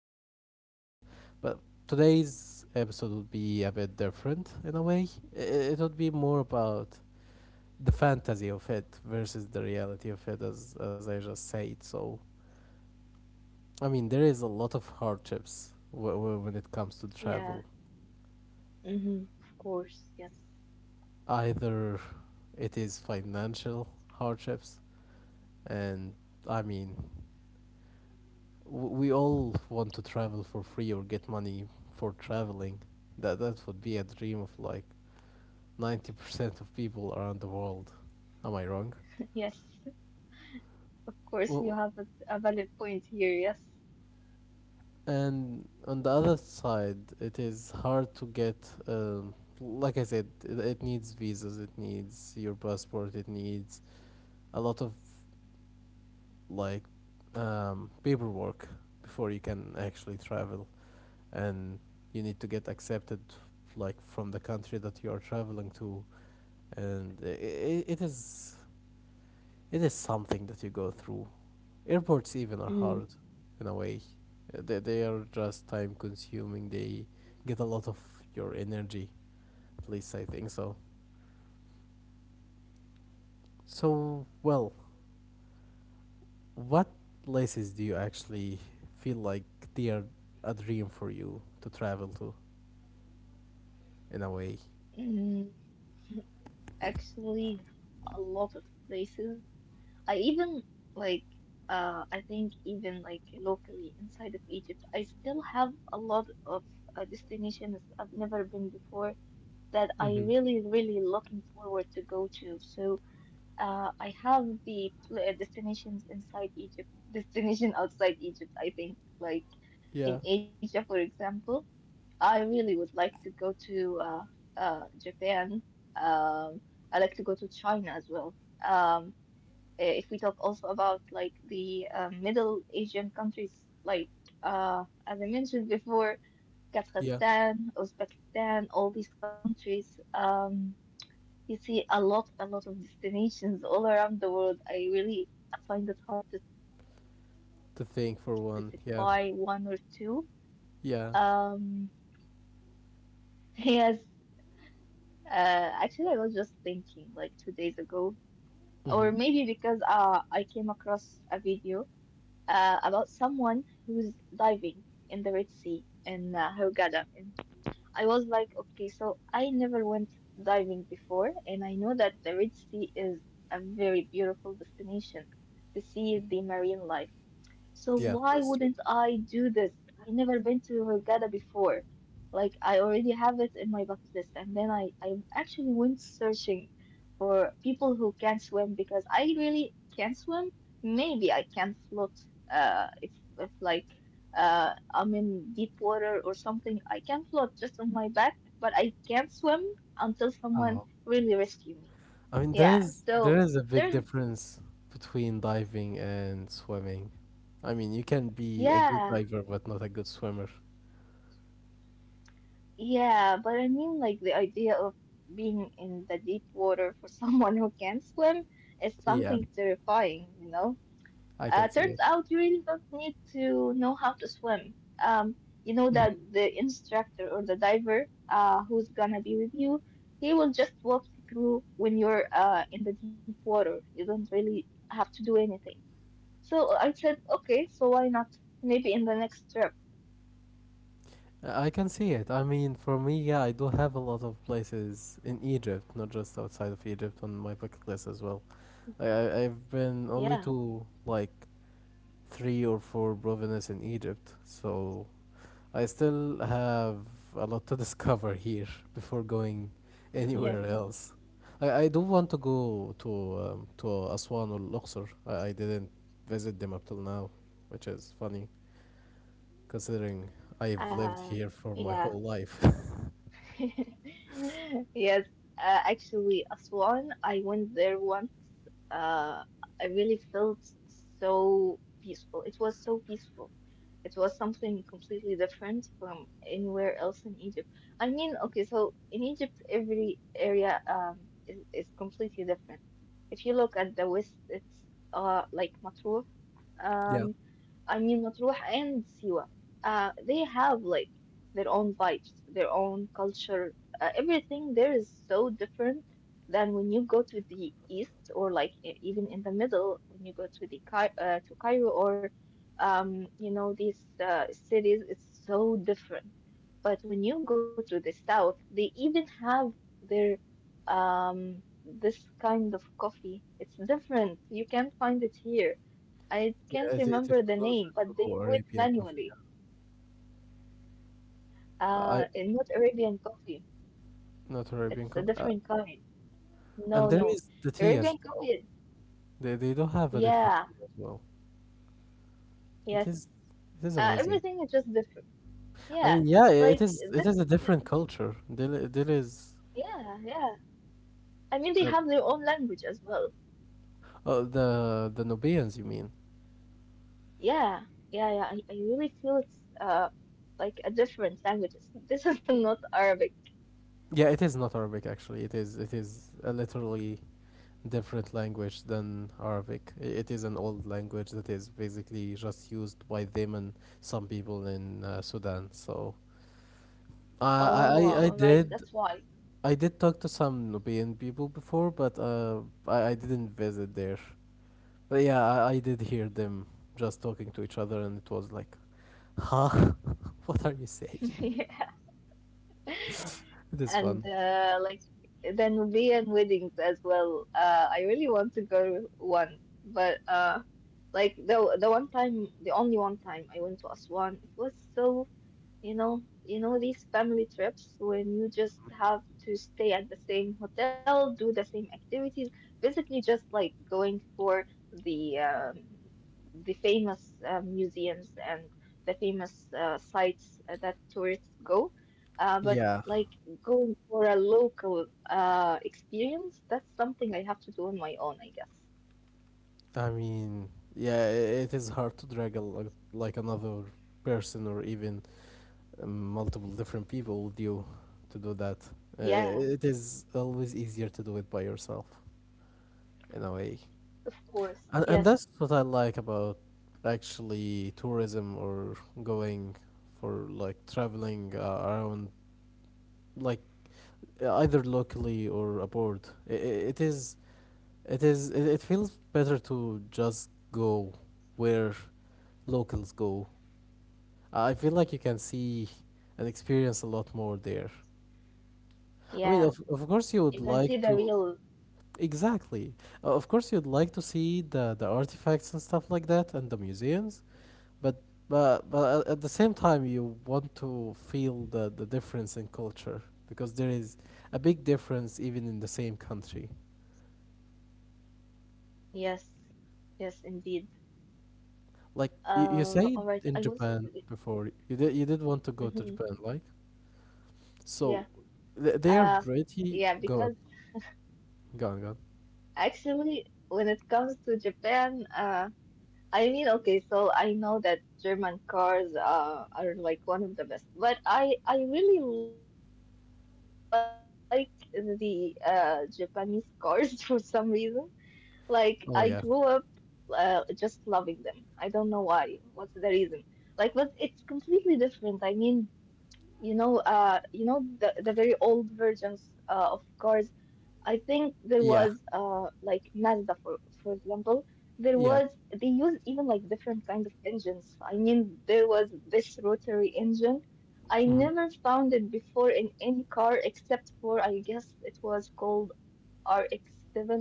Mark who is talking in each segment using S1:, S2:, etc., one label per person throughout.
S1: in another podcast, but today's episode would be a bit different in a way. It would be more about the fantasy of it versus the reality of it, as I just said. So, I mean, there is a lot of hardships when it comes to travel.
S2: yeah. Of course, yes.
S1: Either it is financial hardships, and I mean, we all want to travel for free or get money for traveling. That would be a dream of like 90% of people around the world. Am I wrong?
S2: Yes, of course, you
S1: Well,
S2: have a valid point here, yes.
S1: and on the other side, it is hard to get. Like I said, it needs visas. It needs your passport. It needs a lot of like paperwork before you can actually travel, and you need to get accepted like from the country that you are traveling to, and it is it is something that you go through. Airports even are
S2: Mm,
S1: hard in a way. They are just time consuming. They get a lot of your energy, at least I think so. So well, what places do you actually feel like they are a dream for you to travel to, in a way?
S2: mm, Actually, a lot of places. I even, like, I think even, like, locally inside of Egypt, I still have a lot of destinations I've never been before that I
S1: Mm-hmm.
S2: really, really looking forward to go to. So, I have the destinations inside Egypt, destination outside Egypt, I think. Like in
S1: Yeah,
S2: Asia, for example, I really would like to go to Japan. Um, I like to go to China as well. Um, if we talk also about like the Middle Asian countries, like as I mentioned before,
S1: yeah,
S2: Kazakhstan, Uzbekistan, all these countries. You see a lot of destinations all around the world. I really find it hard to specify one
S1: to
S2: or
S1: think for
S2: two.
S1: one, yeah,
S2: Um,
S1: yeah.
S2: yes, uh, actually, I was just thinking like 2 days ago, or maybe because
S1: Mm-hmm.
S2: I came across a video about someone who's diving in the Red Sea in Hurghada. In I was like, okay, so I never went diving before, and I know that the Red Sea is a very beautiful destination to see the marine life. So
S1: Yeah,
S2: why
S1: that's true.
S2: wouldn't I do this? I never been to Hurghada before. Like I already have it in my bucket list, and then I actually went searching for people who can swim because I really can swim. Maybe I can float. If like I'm in deep water or something, I can float just on my back, but I can't swim until someone
S1: Oh,
S2: really rescue me.
S1: I mean, there
S2: Yeah.
S1: is there
S2: So
S1: is a big
S2: there's
S1: difference between diving and swimming. I mean, you can be a good
S2: Yeah.
S1: diver but not a good swimmer.
S2: Yeah, but I mean, like, the idea of being in the deep water for someone who can't swim is
S1: Yeah,
S2: something terrifying, you know?
S1: I can see
S2: Turns
S1: it.
S2: out you really don't need to know how to swim. You know that
S1: Mhm.
S2: the instructor or the diver, who's gonna be with you, he will just walk you through when you're, in the deep water. You don't really have to do anything. So I said, okay, so why not? Maybe in the next trip.
S1: I can see it. I mean, for me, yeah, I do have a lot of places in Egypt, not just outside of Egypt, on my bucket list as well. I've been
S2: Yeah,
S1: only to like three or four provinces in Egypt, so I still have a lot to discover here before going
S2: yes.
S1: anywhere else. I do want to go to Aswan or Luxor. I didn't visit them up till now, which is funny considering I've lived
S2: Uh,
S1: here for my
S2: yeah.
S1: whole life.
S2: Yes, actually, Aswan, I went there once. Uh, I really felt so peaceful. It was so peaceful. It was something completely different from anywhere else in Egypt. I mean, okay, so in Egypt, every area is completely different. If you look at the west, it's like Matruh.
S1: Yeah.
S2: Um, I mean Matruh and Siwa. They have like their own lives, their own culture. Everything there is so different than when you go to the east or like even in the middle when you go to Cairo or you know these cities. It's so different. But when you go to the south, they even have their this kind of coffee. It's different. You can't find it here. I can't
S1: Yeah, it is
S2: remember the
S1: closer
S2: name, but they
S1: to
S2: do it
S1: Arabian coffee.
S2: manually.
S1: I
S2: And not Arabian coffee.
S1: Not Arabian
S2: It's a
S1: coffee.
S2: different kind.
S1: And
S2: No,
S1: there
S2: no.
S1: is the tea
S2: Arabian
S1: as well.
S2: coffee.
S1: They do have a different
S2: Yeah.
S1: tea as well. It
S2: Yes.
S1: is it is amazing.
S2: Everything is just different.
S1: I
S2: Yeah.
S1: mean, yeah, it
S2: Like
S1: is. It is a
S2: this.
S1: different culture. There is
S2: Yeah. Yeah. I mean, they
S1: uh,
S2: have their own language as well.
S1: the Nubians. You mean?
S2: Yeah. Yeah. Yeah. I really feel it's like a different language. This is not Arabic.
S1: Yeah, it is not Arabic actually. It is. It is a literally different language than Arabic. It is an old language that is basically just used by them and some people in Sudan. So uh, I,
S2: Oh,
S1: I I
S2: all right.
S1: did.
S2: That's why.
S1: I did talk to some Nubian people before, but I didn't visit there. But yeah, I did hear them just talking to each other, and it was like, "Huh? What are you saying?
S2: Yeah.
S1: This one?"
S2: And like then beer and weddings as well. I really want to go one, but like the one time, the only one time I went to Aswan, it was so you know these family trips when you just have to stay at the same hotel, do the same activities, basically just like going for the um, the famous museums and the famous sites that tourists go. But
S1: Yeah.
S2: like going for a local experience, that's something I have to do on my own, I guess.
S1: I mean, yeah, it is hard to drag like another person or even multiple different people with you to do that.
S2: Yeah,
S1: It is always easier to do it by yourself in a way.
S2: of course.
S1: And,
S2: Yes.
S1: that's what I like about actually tourism or going for like traveling around, like either locally or abroad. It feels better to just go where locals go. I feel like you can see and experience a lot more there. I mean,
S2: Yeah.
S1: of course, you would
S2: You can see
S1: like
S2: the
S1: to.
S2: real.
S1: Exactly. Of course, you'd like to see the artifacts and stuff like that and the museums, but at the same time, you want to feel the difference in culture because there is a big difference even in the same country.
S2: Yes. Yes, indeed.
S1: Like you said
S2: All right.
S1: in Japan before, you did want to go to
S2: Mhm,
S1: Japan, like so,
S2: yeah.
S1: they are
S2: Uh,
S1: pretty.
S2: yeah,
S1: Go on,
S2: because
S1: go on, go on.
S2: actually, when it comes to Japan, I mean, okay, so I know that German cars are like one of the best, but I really like the Japanese cars for some reason. Like I grew up
S1: Oh yeah,
S2: just loving them. I don't know why. What's the reason? Like, but it's completely different. I mean. You know the very old versions of cars. I think there was
S1: yeah,
S2: like Mazda for example. There
S1: yeah.
S2: was They used even like different kinds of engines. I mean, there was this rotary engine. I
S1: Hmm.
S2: never found it before in any car except for I guess it was called RX-7 or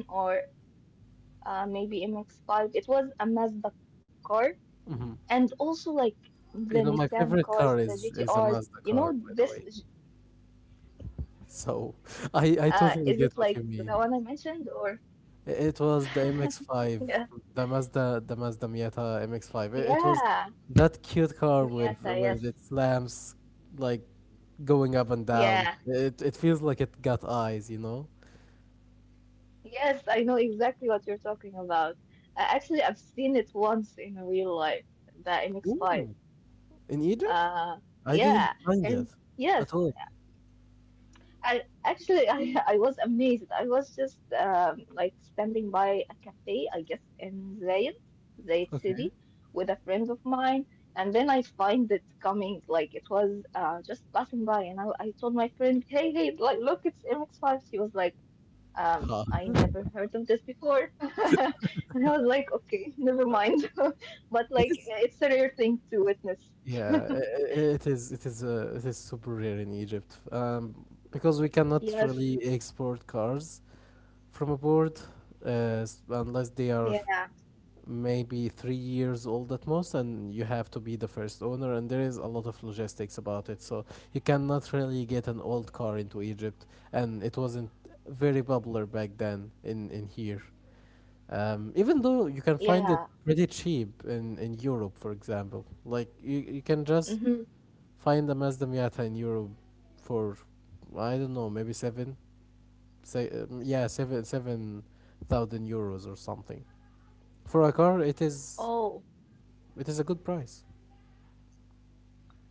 S2: maybe MX-5. It was a Mazda car, and also like
S1: Hmm.
S2: the Nissan cars, the
S1: You know, my
S2: GTRs.
S1: favorite
S2: You
S1: car
S2: know,
S1: is a
S2: this
S1: Mazda car, by the way. So
S2: Is it like
S1: I
S2: the
S1: totally
S2: one I
S1: get what you
S2: mentioned
S1: mean.
S2: or?
S1: It was the
S2: Yeah.
S1: MX-5, the Mazda Miata MX-5. It,
S2: Yeah.
S1: it was that cute car
S2: Miata, yes.
S1: with its lamps like going up and
S2: Yeah.
S1: down. It feels like it got eyes, you know.
S2: Yes, I know exactly what you're talking about. Actually, I've seen it once in real life, the MX-5.
S1: Ooh, in Egypt,
S2: Uh,
S1: I
S2: yeah.
S1: didn't find
S2: And
S1: it
S2: yes,
S1: at all.
S2: I was amazed. I was just like standing by a cafe, I guess in Zayed, Zayed
S1: Okay.
S2: City, with a friend of mine, and then I find it coming like it was just passing by, and I told my friend, "Hey, hey, like look, it's MX-5." She was like,
S1: Huh.
S2: "I never heard of this before," and I was like, "Okay, never mind," but
S1: It
S2: like
S1: is.
S2: it's a rare thing to witness.
S1: Yeah, it is. It is. It is super rare in Egypt, because we cannot
S2: Yes,
S1: really export cars from abroad, unless they are
S2: yeah.
S1: maybe 3 years old at most, and you have to be the first owner. And there is a lot of logistics about it, so you cannot really get an old car into Egypt, and it wasn't very popular back then in here. Even though you can find it
S2: Yeah.
S1: pretty cheap in Europe, for example, like you can just
S2: Mm-hmm.
S1: find a Mazda Miata in Europe for I don't know maybe seven say yeah seven seven thousand euros or something for a car. It is
S2: Oh.
S1: it is a good price.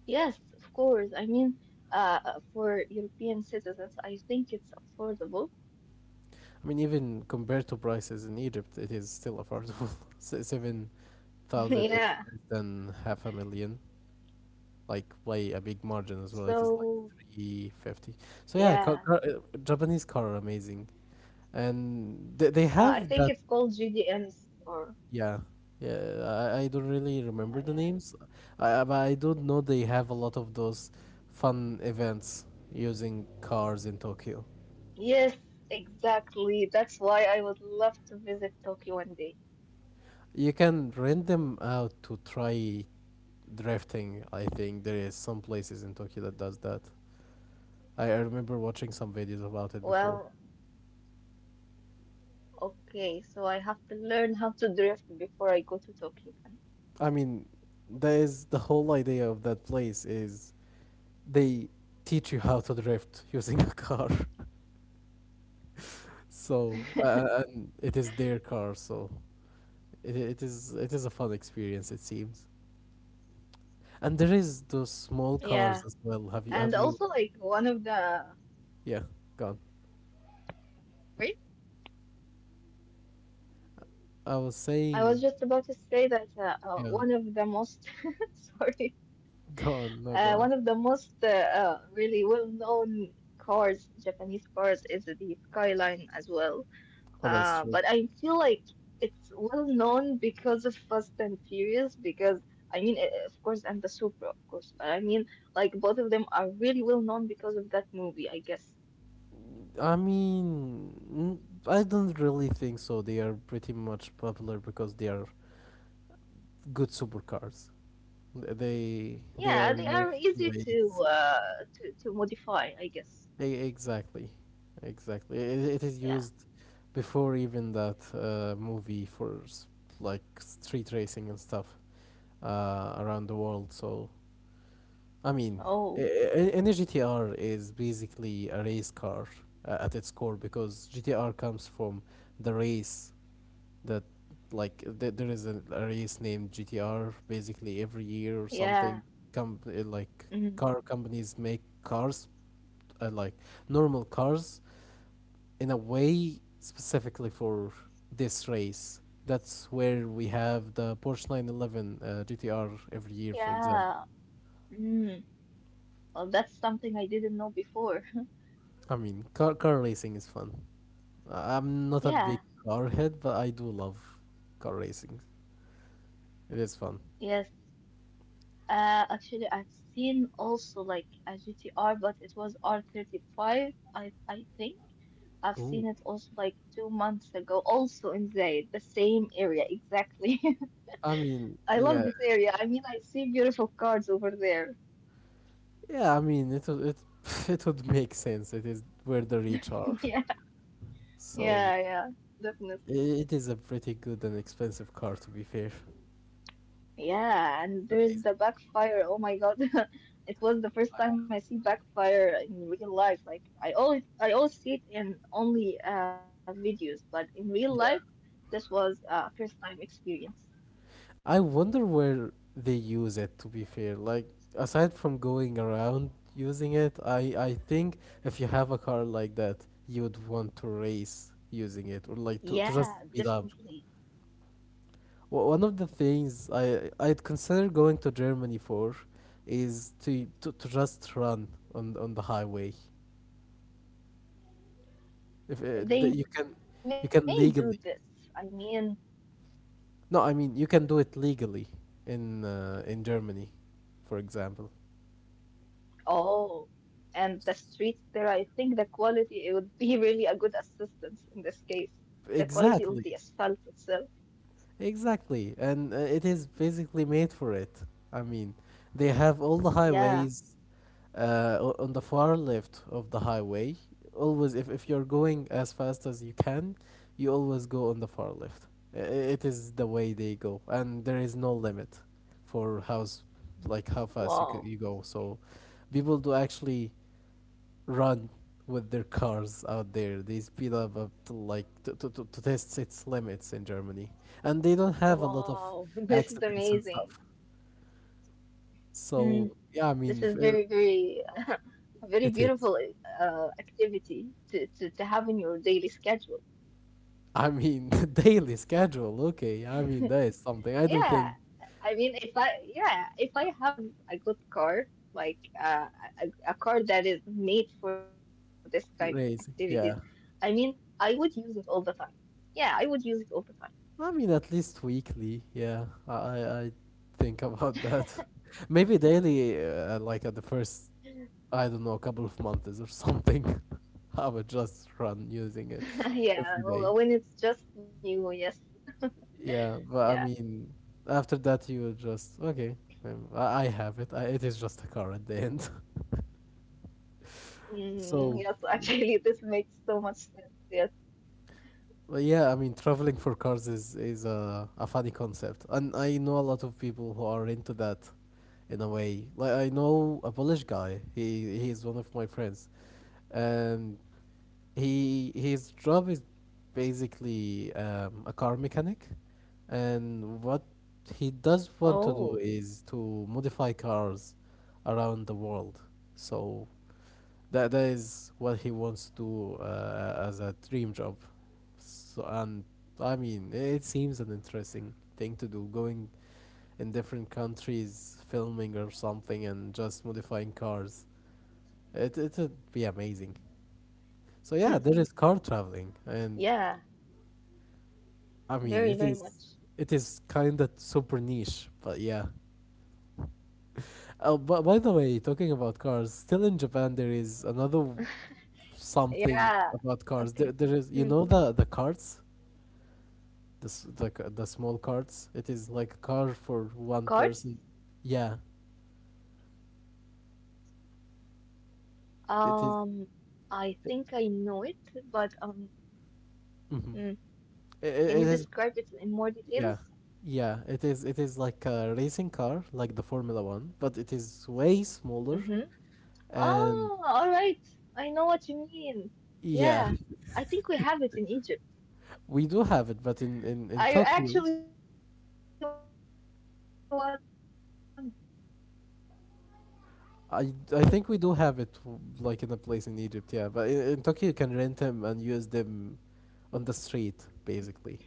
S2: Yes, of course. I mean, for European citizens, I think it's affordable.
S1: I mean, even compared to prices in Egypt, it is still affordable. Seven thousand is
S2: Yeah.
S1: less than half a million, like by a big margin as well. It is like
S2: So,
S1: 350. So yeah,
S2: yeah,
S1: Japanese car are amazing, and they
S2: I
S1: have
S2: think
S1: that.
S2: it's called GDMs or
S1: Yeah, yeah. I don't really
S2: yeah,
S1: remember the
S2: yeah.
S1: names, but I don't know, they have a lot of those fun events using cars in Tokyo.
S2: Yes, exactly. That's why I would love to visit Tokyo one day.
S1: You can rent them out to try drifting. I think there is some places in Tokyo that does that. I remember watching some videos about it
S2: Well,
S1: before.
S2: okay, so I have to learn how to drift before I go to Tokyo then.
S1: I mean, that is the whole idea of that place is they teach you how to drift using a car. So and it is their car, so it is a fun experience it seems. And there is those small cars
S2: Yeah,
S1: as well. Have
S2: and
S1: you?
S2: also like one of the
S1: Yeah, gone.
S2: wait,
S1: I was
S2: I
S1: saying,
S2: was just about to say that
S1: yeah,
S2: one of the most sorry.
S1: gone. No, gone.
S2: One of the most really well-known cars, Japanese cars, is the Skyline as well.
S1: What, that's true.
S2: But I feel like it's well-known because of Fast and Furious, because I mean, of course, and the Supra, of course. But I mean, like both of them are really well-known because of that movie, I guess.
S1: I mean, I don't really think so. They are pretty much popular because they are good supercars. They
S2: Yeah,
S1: are
S2: they
S1: used
S2: are
S1: to
S2: easy
S1: race.
S2: to to modify, I guess.
S1: E- Exactly, exactly. It, it is
S2: Yeah.
S1: used before even that movie for like street racing and stuff around the world. So I mean, e-
S2: Oh,
S1: any GTR is basically a race car at its core because GTR comes from the race. that there is a race named GTR basically every year or something.
S2: yeah.
S1: Like
S2: Mm,
S1: car companies make cars like normal cars in a way specifically for this race. That's where we have the Porsche 911 GTR every year, for example.
S2: yeah. Mm. Well, that's something I didn't know before.
S1: I mean, car racing is fun. I'm not a big
S2: Yeah,
S1: car head, but I do love car racing. It is fun.
S2: yes. Actually, I've seen also like a GTR, but it was R35, I think. I've
S1: Ooh.
S2: seen it also like 2 months ago, also in Zaid, the same area exactly.
S1: I mean,
S2: I love
S1: yeah,
S2: this area. I mean, I see beautiful cars over there.
S1: yeah, I mean, it would it it would make sense. It is where the rich are,
S2: Yeah,
S1: so
S2: yeah, yeah, definitely.
S1: i- it is a pretty good and expensive car. To be fair, it's
S2: Yeah, and there's
S1: amazing.
S2: the backfire. Oh my God. It was the first time I see backfire in real life. Like I always see it in only videos, but in real life
S1: Yeah,
S2: this was a first time experience.
S1: I wonder where they use it. To be fair, like aside from going around using it, I think if you have a car like that, you would want to race using it or like to, just
S2: Yeah,
S1: speed up.
S2: definitely.
S1: One of the things I'd consider going to Germany for is to just run on the highway. If
S2: They
S1: that
S2: may do this.
S1: you
S2: I
S1: can
S2: mean,
S1: legally. No, I mean you can do it legally in Germany, for example.
S2: oh, and the streets there, I think the quality it would be really a good assistance in this case. The quality of the
S1: Exactly.
S2: asphalt itself.
S1: Exactly. And it is basically made for it. I mean, they have all the
S2: Yeah.
S1: highways on the far left of the highway. Always, if you're going as fast as you can, you always go on the far left. I- i- It is the way they go, and there is no limit for like how fast
S2: Wow.
S1: you go. So people do actually run with their cars out there. They speed up, up to to test its limits in Germany, and they don't have a lot of
S2: Wow, this is
S1: accidents and
S2: amazing.
S1: stuff. So
S2: Mm,
S1: yeah, I
S2: this
S1: mean
S2: is very, very, a very
S1: it is.
S2: beautiful activity to have in your daily schedule.
S1: I mean, daily schedule. Okay, I mean that is something. I don't think
S2: Yeah, I mean, if I, yeah, if I have a good car, like a car that is made for this kind of activities,
S1: crazy.
S2: I
S1: Yeah,
S2: mean, I would use it all the time. Yeah, I would use it all the time.
S1: I mean at least weekly. Yeah, I think about that. Maybe daily, like at the first, I don't know, couple of months or something. I would just run using it
S2: Yeah,
S1: every day.
S2: when it's just new, yes.
S1: Yeah,
S2: Yeah.
S1: but I mean, after that you will just okay. I have it. It is just a car at the end.
S2: Mm,
S1: So
S2: yes,
S1: yeah.
S2: actually, this makes so much sense. Yes.
S1: Well, yeah, I mean, traveling for cars is a funny concept, and I know a lot of people who are into that, in a way. Like I know a Polish guy. He is one of my friends, and he his job is basically a car mechanic, and what he does want to
S2: Oh,
S1: do is to modify cars around the world. So that is what he wants to do as a dream job. So and I mean, it seems an
S2: this is
S1: interesting
S2: an
S1: thing to do,
S2: interesting job,
S1: going
S2: by the way.
S1: in different countries, filming or something, and just modifying cars. It would be
S2: Mm,
S1: amazing. So yeah, there is
S2: yeah,
S1: car traveling, and
S2: very, very much.
S1: I mean, it is kind of super niche, but yeah. Oh, but by the way, talking about cars, still in Japan there is
S2: Yeah.
S1: another
S2: Okay. Mm.
S1: something about cars. There is you know the carts this the small carts. It is like a car
S2: Cards?
S1: for one person. Yeah,
S2: Um,
S1: it is.
S2: I think I know it, but
S1: Mm-hmm.
S2: mm,
S1: It, mhm.
S2: can
S1: it
S2: you
S1: it is.
S2: describe it in more
S1: Yeah,
S2: details?
S1: yeah. It is. It is like a racing car, like the Formula One, but it is way smaller.
S2: Mm-hmm.
S1: And
S2: Oh, all right. I know what you mean.
S1: yeah,
S2: Yeah, I think we have it in Egypt.
S1: we do have it, but in in
S2: I
S1: Tokyo,
S2: actually won. Yeah, it's different, of course.
S1: I think we do have it like in a place in Egypt. Yeah, but in Tokyo you can rent them and use them
S2: Yeah.
S1: on the street basically.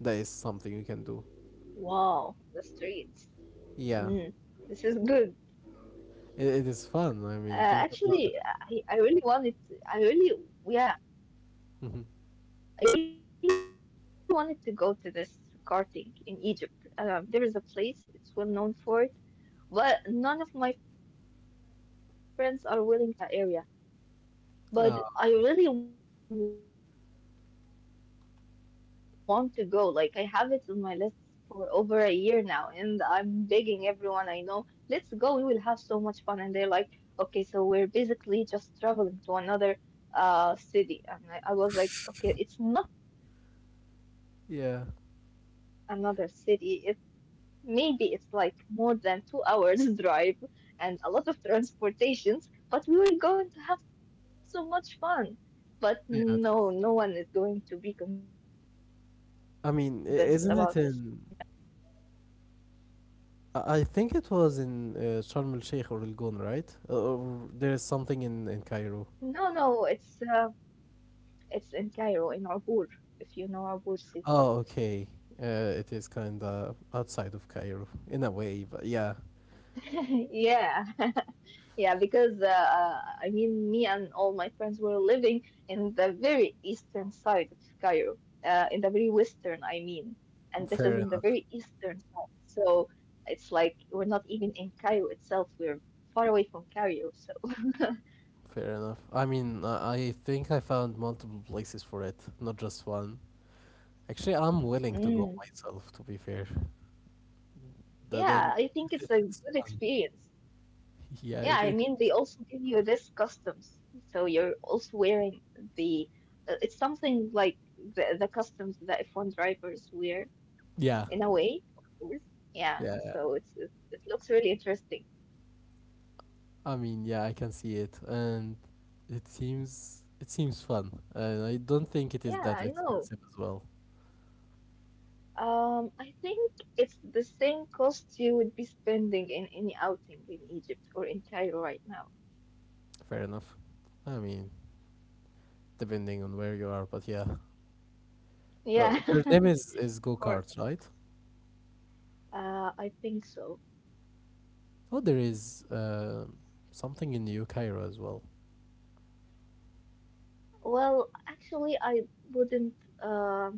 S1: That is something you can do.
S2: Wow, the streets.
S1: Yeah.
S2: Mm, this is good.
S1: It is fun. I mean,
S2: Uh,
S1: think about
S2: Actually,
S1: it.
S2: I really wanted to, yeah, I really wanted
S1: Hmm.
S2: to go to this karting in Egypt. There is a place, it's well known for it, but none of my friends are willing to go because it's in a very um,
S1: Oh,
S2: far away area. But I really want to go. Like I have it on my list for over a year now, and I'm begging everyone I know, let's go. We will have so much fun. And they're like, okay, so we're basically just traveling to another city. And I was like,
S1: yeah.
S2: okay, it's not another city. It maybe it's like more than 2 hours drive and a lot of transportations, but we were going to have so much fun. But
S1: Yeah, it is.
S2: no, no one is going to be convinced about this.
S1: I mean, isn't it in? I think it was in Sharm el Sheikh or Elgon, right? Or there is something in Cairo.
S2: No, no, it's it's in Cairo, in Abur,
S1: Oh,
S2: if you know
S1: okay.
S2: Abur city.
S1: It is kind of outside of Cairo in a way, but yeah,
S2: Yeah, yeah, because I mean, me and all my friends were living in the very eastern side of Cairo, in the very western, I mean, and this
S1: fair
S2: is in the
S1: enough.
S2: very eastern side. So it's like we're not even in Cairo itself, we're far away from Cairo. So,
S1: Fair enough. I mean, I think I found multiple places for it, not just one. Actually, I'm willing to go
S2: mm,
S1: myself, to be fair. That
S2: yeah,
S1: that
S2: I think it's a
S1: it's
S2: good
S1: fun.
S2: experience.
S1: Yeah,
S2: Yeah,
S1: it,
S2: I
S1: it
S2: mean, they also give you this customs. So you're also wearing the, it's something like the customs that F1 drivers wear
S1: yeah.
S2: in a way, of course. Yeah,
S1: Yeah. Yeah.
S2: so it looks really interesting.
S1: I mean, yeah, I can see it and it seems fun. And I don't think it is
S2: Yeah,
S1: that
S2: I know.
S1: expensive as well.
S2: I think it's the same cost you would be spending in any outing in Egypt or in Cairo right now.
S1: Fair enough. I mean, depending on where you are, but yeah.
S2: Yeah,
S1: Well, their name
S2: of
S1: is
S2: course.
S1: go-karts, right?
S2: I think so.
S1: Oh, there is something in New Cairo as well.
S2: Well, actually, I wouldn't.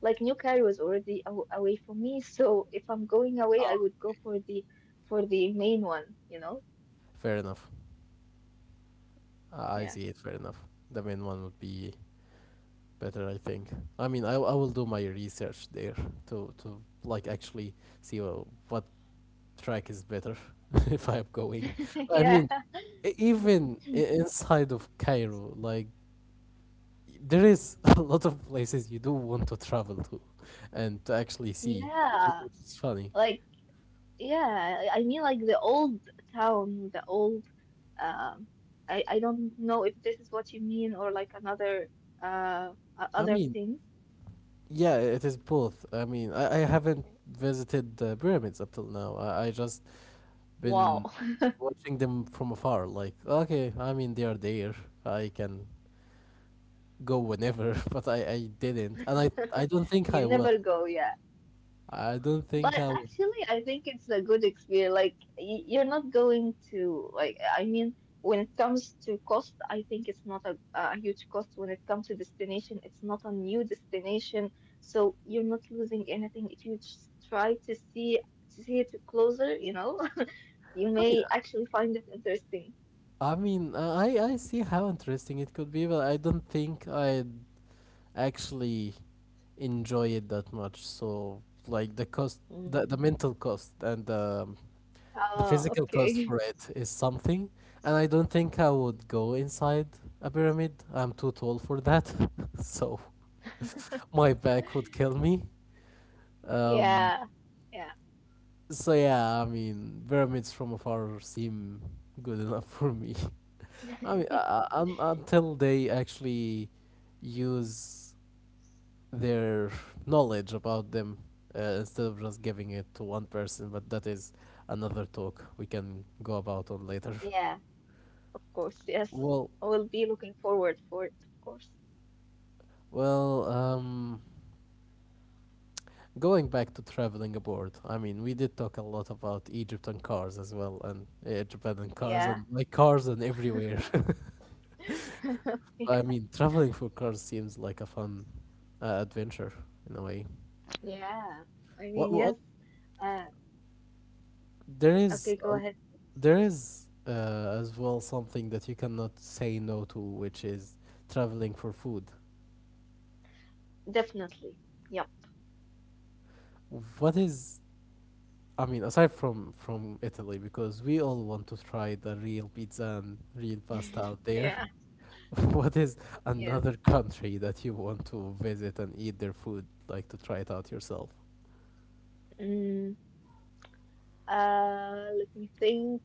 S2: Like New Cairo is already aw away from me, so if I'm going away,
S1: Oh,
S2: I would go for the main one, you know?
S1: fair enough. I
S2: Yeah.
S1: see it. Fair enough. The main one would be better, I think. I mean, I will do my research there to like actually see what track is better if I'm going. I
S2: Yeah.
S1: mean, inside of Cairo, like there is a lot of places you do want to travel to and to actually see,
S2: Yeah.
S1: which is funny.
S2: Like yeah, I mean like the old town, the old um I don't know if this is what you mean or like another
S1: I
S2: other
S1: mean,
S2: things.
S1: yeah, it is both. I mean, I haven't visited the pyramids up till now. I just
S2: Wow.
S1: been watching them from afar. Like, okay, I mean, they are there. I can go whenever, but I didn't, and I don't think
S2: You
S1: I will.
S2: never go, yeah.
S1: I don't
S2: But
S1: think I will.
S2: actually, I think it's a good experience. Like, you're not going to, like, I mean, when it comes to cost, I think it's not a, a huge cost. When it comes to destination, it's not a new destination, so you're not losing anything if you just try to see it closer, you know? You
S1: I mean,
S2: may actually find it interesting.
S1: I mean, I see how interesting it could be, but I don't think I'd actually enjoy it that much. So, like the cost,
S2: Mm.
S1: the mental cost and the
S2: Oh,
S1: physical cost
S2: okay.
S1: for it is something, and I don't think I would go inside a pyramid. I'm too tall for that, so my back would kill me. Um,
S2: Yeah. Yeah.
S1: so yeah, I mean, pyramids from afar seem good enough for me. I mean, un until they actually use their knowledge about them instead of just giving it to one person, but that is another talk we can go about on later.
S2: Yeah. Of course, yes.
S1: Well,
S2: I will be looking forward for it, of course.
S1: well, going back to traveling abroad, I mean, we did talk a lot about Egypt and cars as well, and Japan and
S2: Yeah.
S1: cars, and like cars and everywhere. I
S2: Yeah.
S1: mean, traveling for cars seems like a fun adventure in a way.
S2: Yeah, I mean,
S1: What
S2: yes. Uh,
S1: there
S2: okay,
S1: is
S2: go
S1: a
S2: ahead.
S1: There is as well something that you cannot say no to, which is traveling for food.
S2: Definitely. Yep.
S1: What is, I mean, aside from Italy, because we all want to try the real pizza and real pasta out there.
S2: Yeah.
S1: What is
S2: Yes.
S1: another country that you want to visit and eat their food, like to try it out yourself?
S2: Mm, let me think.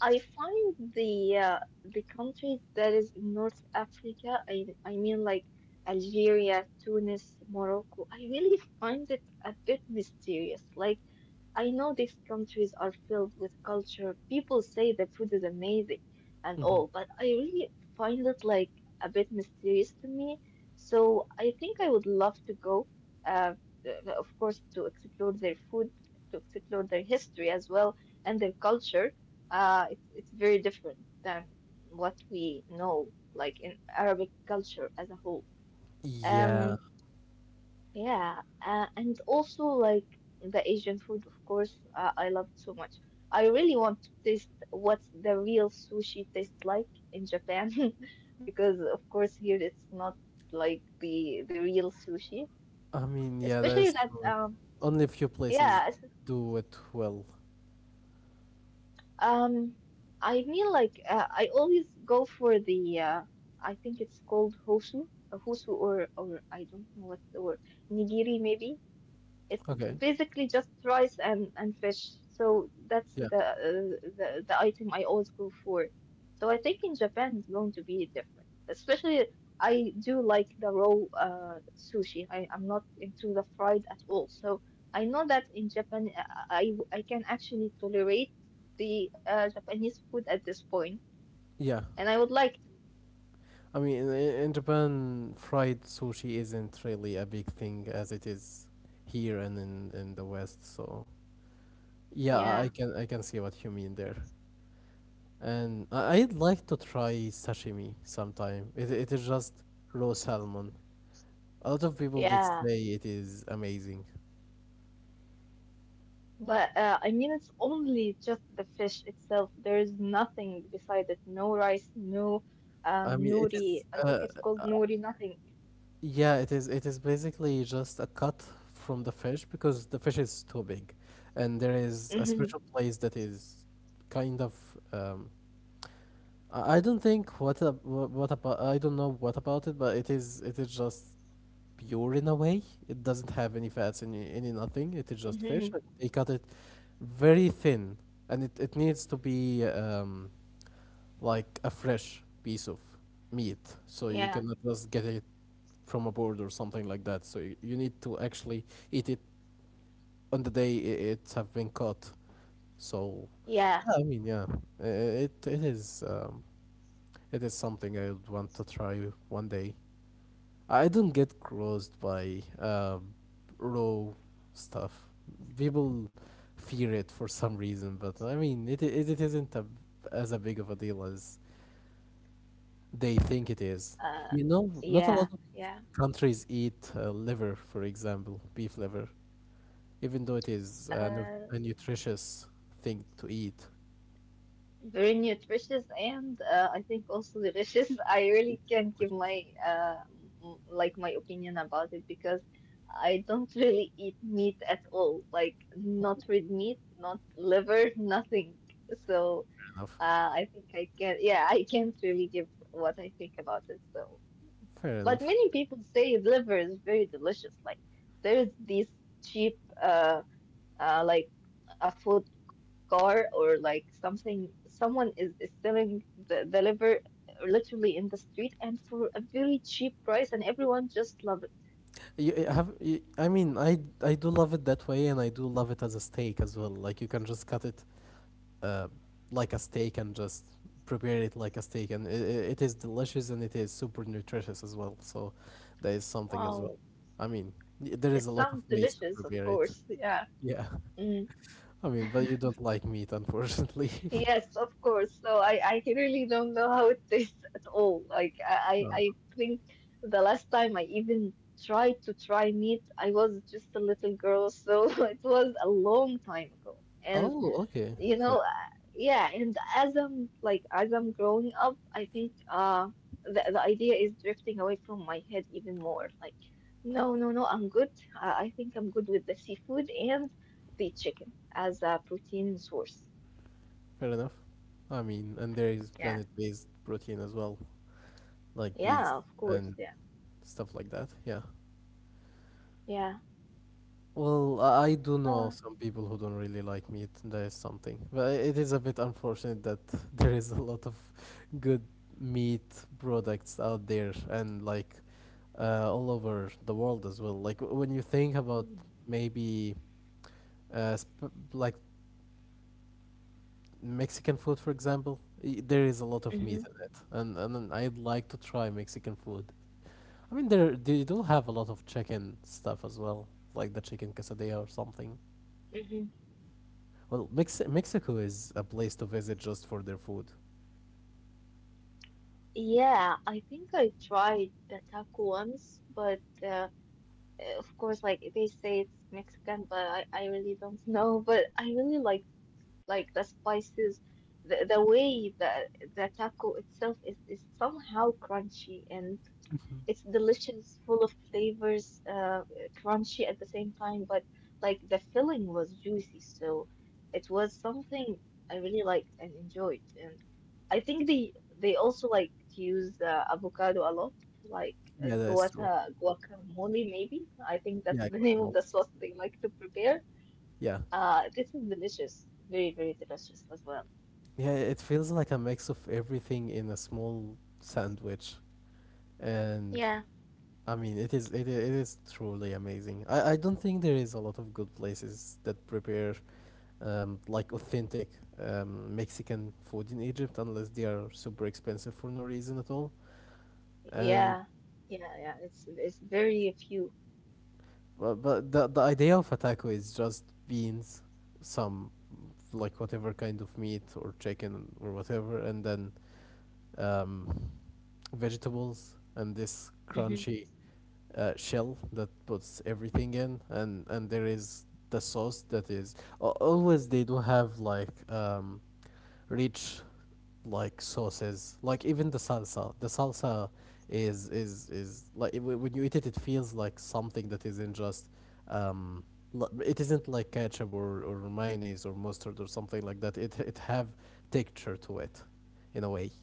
S2: I find the countries that is in North Africa. I mean like Algeria, Tunis, Morocco. I really find it a bit mysterious. Like. I know these countries are filled with culture. People say the food is amazing and
S1: Hmm.
S2: all, but I really find it like a bit mysterious to me. So I think I would love to go, uh, of course, to explore their food, to explore their history as well and their culture. It's very different than what we know, like in Arabic culture as a whole.
S1: Yeah,
S2: Um, yeah, and also like the Asian food, of course, I loved so much. I really want to taste what the real sushi tastes like in Japan, because of course here it's not like the real sushi,
S1: I mean, yeah, that
S2: especially
S1: is
S2: that
S1: true. Only a few places
S2: yeah es-
S1: do it well.
S2: um I mean like I always go for the I think it's called hosu, hosu or I don't know what's the word, nigiri maybe. It's
S1: Okay.
S2: basically just rice and fish. So that's
S1: Yeah.
S2: the item I always go for. So I think in Japan it's going to be different. Especially I do like the raw sushi. I, I'm not into the fried at all. So I know that in Japan I can actually tolerate the Japanese food at this point,
S1: Yeah.
S2: and I would like to.
S1: I mean, in Japan, fried sushi isn't really a big thing as it is here and in the West. So yeah,
S2: Yeah,
S1: I can see what you mean there. And I'd like to try sashimi sometime. It is just raw salmon. A lot of people did
S2: yeah,
S1: say it is amazing.
S2: but I mean, it's only just the fish itself. There is nothing beside it. No rice, no
S1: I mean, it is.
S2: nori. I think it's called
S1: Uh,
S2: nori, nothing.
S1: yeah, it is. It is basically just a cut from the fish because the fish is too big, and there is a
S2: Hmm.
S1: special place that is kind of um, I don't think what ab- wha- what about I don't know what about it, but it is just pure in a way. It doesn't have any fats any nothing. It is just
S2: Hmm.
S1: fish. And They cut it very thin, and it needs to be like a fresh piece of meat. So you
S2: Yeah,
S1: cannot just get it from a board or something like that. So you need to actually eat it on the day it have been caught. So
S2: yeah,
S1: yeah, i- i- it is. It is something I would want to try one day. I don't get grossed by raw stuff. People fear it for some reason, but I mean, it isn't as a big of a deal as they think it is.
S2: uh,
S1: You know, not a
S2: yeah,
S1: lot of
S2: yeah.
S1: countries eat liver, for example, beef liver, even though it is
S2: Uh,
S1: a nutritious thing to eat.
S2: very nutritious and I think also delicious. I really can't
S1: Which
S2: give my like my opinion about it because I don't really eat meat at all. Like not red meat, not liver, nothing. So.
S1: fair enough.
S2: I think I can. Yeah, I can't really give what I think about it. So,
S1: Fair
S2: but
S1: enough.
S2: many people say liver is very delicious. Like there's this cheap, like a food car or like something. Someone is selling the liver literally in the street and for a very cheap price, and everyone just love it.
S1: I mean, I do love it that way, and I do love it as a steak as well. Like you can just cut it, uh, like a steak, and just prepare it like a steak, and it is delicious and it is super nutritious as well. So, there is something as
S2: Wow.
S1: well. I mean, there is
S2: It
S1: a lot of
S2: sounds
S1: ways to
S2: delicious, of
S1: prepare it.
S2: course. Yeah.
S1: Yeah,
S2: Mm.
S1: I mean, but you don't like meat, unfortunately.
S2: Yes, of course. So I really don't know how it tastes at all. Like I,
S1: Uh,
S2: I I think the last time I even tried to try meat, I was just a little girl, so it was a long time ago. And
S1: Oh, okay,
S2: you
S1: fair,
S2: know, yeah. And as I'm like as I'm growing up, I think the idea is drifting away from my head even more. Like no, no, no, I'm good. I think I'm good with the seafood and the chicken as a protein source.
S1: fair enough. I mean, and there is planet-based protein as well, like beets
S2: Yeah, of course.
S1: and
S2: Yeah.
S1: stuff like that. Yeah.
S2: Yeah.
S1: Well, I do know
S2: Uh,
S1: some people who don't really like meat. That is something, but it is a bit unfortunate that there is a lot of good meat products out there and like all over the world as well. Like when you think about
S2: hmm.
S1: maybe like Mexican food, for example, there is a lot of meat in it, and then I'd like to try Mexican food. I mean, there they do have a lot of chicken stuff as well, like the chicken quesadilla or something.
S2: Hmm.
S1: Well, Mexico is a place to visit just for their food.
S2: Yeah, I think I tried the taco once, but eh, of course, like they say it's Mexican, but I really don't know. But I really like the spices, the way that the taco itself is somehow crunchy and. It's delicious, full of flavors, crunchy at the same time, but like the filling was juicy, so it was something I really liked and enjoyed. And I think they also like to use avocado a lot, like
S1: Yeah, that is
S2: guata
S1: true.
S2: guacamole maybe. I think that's
S1: Yeah,
S2: the name of
S1: guacamole.
S2: the sauce they like to prepare.
S1: Yeah.
S2: This is delicious, very very delicious as well.
S1: Yeah, it feels like a mix of everything in a small sandwich. And
S2: Yeah.
S1: I mean, it is truly amazing. I don't think there is a lot of good places that prepare like authentic Mexican food in Egypt unless they are super expensive for no reason at all. And
S2: Yeah, yeah, yeah. It's very few.
S1: But the idea of a taco is just beans, some like whatever kind of meat or chicken or whatever, and then um, vegetables and this
S2: Mm-hmm.
S1: crunchy shell that puts everything in, and there is the sauce that is always they do have like rich like sauces like even the salsa is like when you eat it it feels like something that isn't just um it isn't like ketchup or mayonnaise or mustard or something like that it have texture to it in a way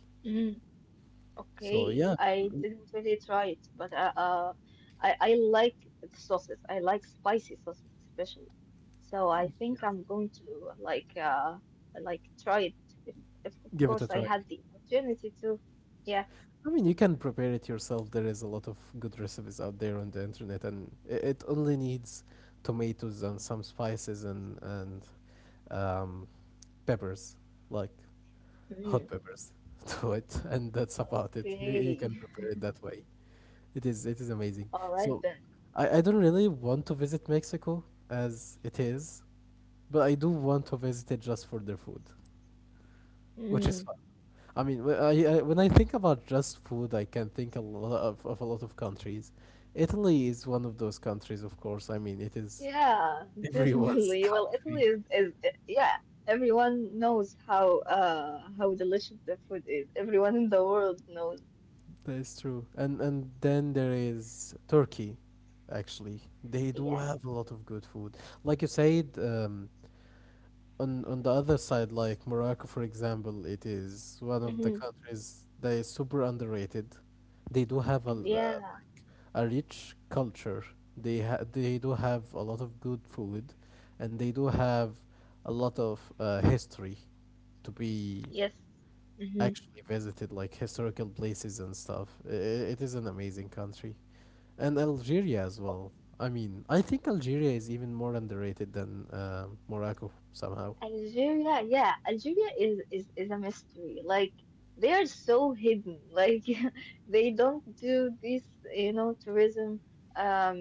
S1: so
S2: Okay,
S1: yeah
S2: I didn't really try it, but I like sauces. I like spicy sauces especially. So I think I'm going to like try it if, if of
S1: give it
S2: course
S1: a
S2: I
S1: try.
S2: had the opportunity to. Yeah.
S1: I mean you can prepare it yourself. There is a lot of good recipes out there on the internet and it only needs tomatoes and some spices and um peppers like hot
S2: Mm,
S1: peppers to it, and that's about it. You
S2: okay.
S1: can prepare it that way. It is amazing.
S2: All right
S1: So,
S2: then.
S1: I don't really want to visit Mexico as it is, but I do want to visit it just for their food, which is
S2: Mm,
S1: fun. I mean, I when I think about just food, I can think a lot of a lot of countries. Italy is one of those countries, of course. I mean, it is
S2: yeah,
S1: everyone's
S2: definitely. Well, Italy
S1: country.
S2: is yeah. Everyone knows how delicious the food is. Everyone in the world knows.
S1: That is true. And then there is Turkey, actually. They do
S2: Yes.
S1: have a lot of good food. Like you said, on the other side, like Morocco, for example, it is one of the
S2: Mhm.
S1: countries that is super underrated. They do have
S2: Yeah.
S1: like a rich culture. They do have a lot of good food, and they do have a lot of history to be
S2: Yes. Hmm.
S1: actually visited like historical places and stuff. It is an amazing country. And Algeria as well. I mean, I think Algeria is even more underrated than Morocco somehow.
S2: Algeria, yeah, Algeria is is a mystery. Like they are so hidden. Like they don't do this, you know, tourism.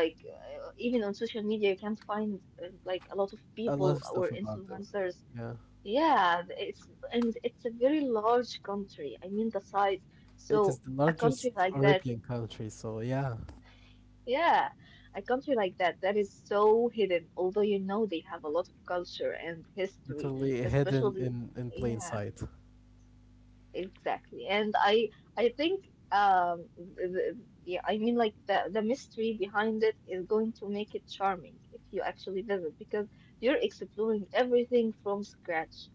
S2: Like even on social media, you can't find like a lot of
S1: A
S2: people
S1: lot of
S2: or
S1: stuff about them.
S2: influencers.
S1: Yeah.
S2: Yeah, it's and it's a very large country. I mean the size. So
S1: It is the
S2: a country
S1: largest
S2: like that,
S1: European country, so yeah,
S2: yeah, a country like that that is so hidden, although you know they have a lot of culture and history,
S1: literally hidden
S2: especially
S1: in plain
S2: yeah,
S1: sight.
S2: exactly. And I think the, yeah, I mean like the mystery behind it is going to make it charming if you actually visit because you're exploring everything from scratch.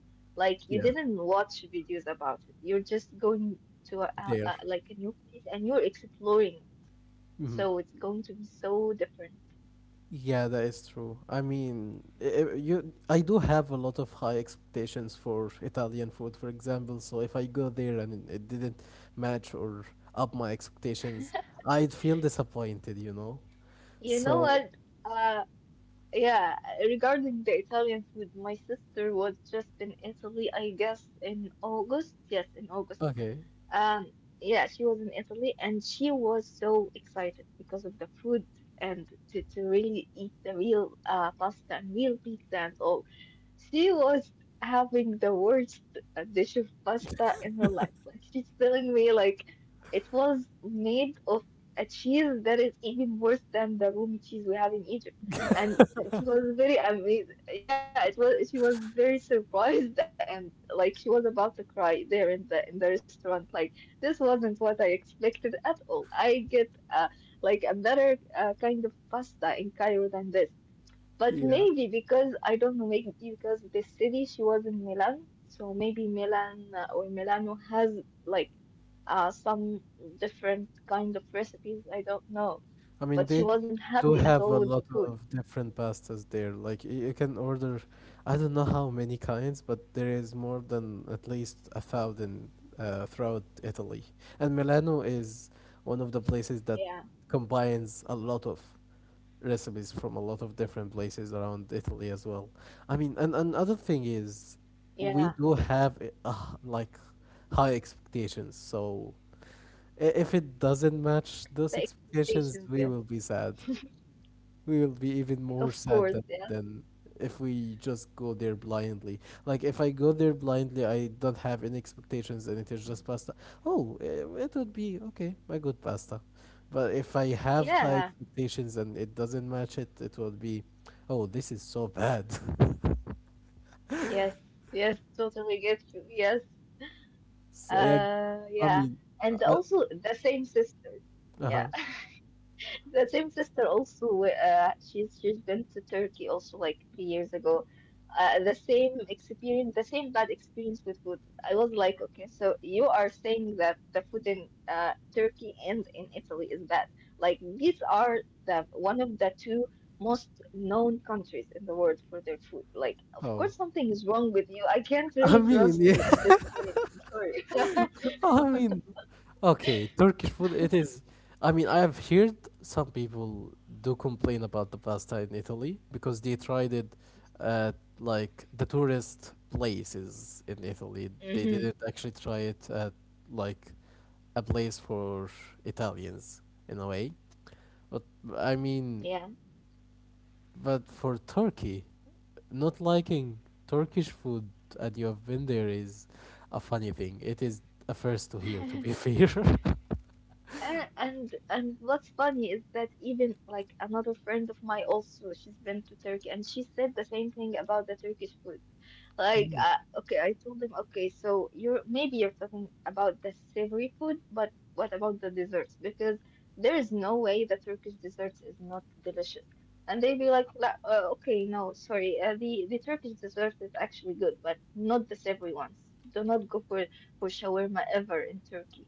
S2: Like you
S1: Yeah,
S2: didn't watch videos about it. You're just going to
S1: there.
S2: like a new place and you're exploring.
S1: Hmm.
S2: So it's going to be so different.
S1: Yeah, that is true. I mean, I- you, I do have a lot of high expectations for Italian food, for example. So if I go there and it didn't match or up my expectations, I'd feel disappointed, you know?
S2: You know
S1: So,
S2: what? Uh, yeah, regarding the Italian food, my sister was just in Italy, I guess, in August. Yes, in August.
S1: okay.
S2: Um, yeah, she was in Italy and she was so excited because of the food and to really eat the real pasta and real pizza and all. She was having the worst dish of pasta in her life. Like she's telling me like it was made of a cheese that is even worse than the Rumi cheese we have in Egypt. And she was very amazed. Yeah, it was. She was very surprised and like she was about to cry there in the restaurant. Like this wasn't what I expected at all. I get like a better kind of pasta in Cairo than this. But
S1: Yeah.
S2: maybe because I don't know, maybe because the city she was in Milan, so maybe Milan or Milano has like some different kind of recipes. I don't know.
S1: I mean,
S2: But she
S1: they
S2: wasn't
S1: do
S2: happy at
S1: have
S2: all
S1: a
S2: with the
S1: lot
S2: food.
S1: of different pastas there. Like you can order, I don't know how many kinds, but there is more than at least a thousand throughout Italy. And Milano is one of the places that
S2: Yeah,
S1: combines a lot of recipes from a lot of different places around Italy as well. I mean, and another thing is we
S2: yeah.
S1: do have like high expectations. So if it doesn't match those
S2: The
S1: expectations,
S2: expectations, yeah.
S1: we will be even more
S2: Of
S1: sad
S2: course,
S1: than,
S2: yeah.
S1: than if we just go there blindly. Like if I go there blindly, I don't have any expectations, and it is just pasta. Oh, it would be okay, a good pasta. But if I have high
S2: Yeah,
S1: expectations and it doesn't match it, it will be, oh, this is so bad.
S2: yes, yes, totally get you. Yes,
S1: So yeah, I
S2: Yeah,
S1: mean,
S2: and
S1: uh,
S2: also the same sister.
S1: uh
S2: Yeah,
S1: huh.
S2: the same sister also. She's been to Turkey also like 3 years ago. The same experience, the same bad experience with food. I was like, okay, so you are saying that the food in Turkey and in Italy is bad. Like these are the one of the two most known countries in the world for their food. Like, of
S1: Oh,
S2: course, something is wrong with you. I can't
S1: I
S2: really
S1: mean,
S2: trust you at
S1: yeah.
S2: this point. I'm sorry.
S1: I mean, okay, Turkish food, it is. I mean, I have heard some people do complain about the pasta in Italy because they tried it at like the tourist places in Italy. They
S2: Hmm.
S1: didn't actually try it at like a place for Italians in a way. But I mean,
S2: Yeah.
S1: but for Turkey not liking Turkish food and you have been there is a funny thing. It is a first to hear, to be fair.
S2: And what's funny is that even like another friend of mine also, she's been to Turkey and she said the same thing about the Turkish food. Like,
S1: Mm.
S2: okay, I told him, okay, so you're maybe you're talking about the savory food, but what about the desserts? Because there is no way the Turkish desserts is not delicious. And they'd be like, "La- okay, no, sorry, the Turkish dessert is actually good, but not the savory ones. Do not go for shawarma ever in Turkey."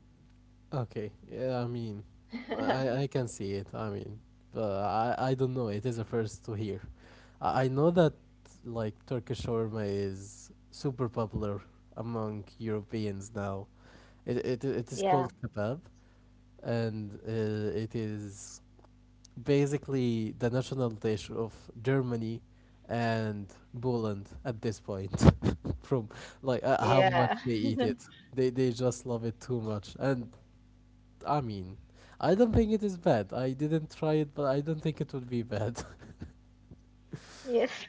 S1: Okay, yeah, I mean, I can see it. I mean, but I don't know. It is a first to hear. I know that like Turkish shawarma is super popular among Europeans now. It is
S2: Yeah,
S1: called kebab, and it is basically the national dish of Germany and Poland at this point from like how much
S2: yeah.
S1: they eat it. They just love it too much. And I mean, I don't think it is bad. I didn't try it, but I don't think it would be bad.
S2: Yes.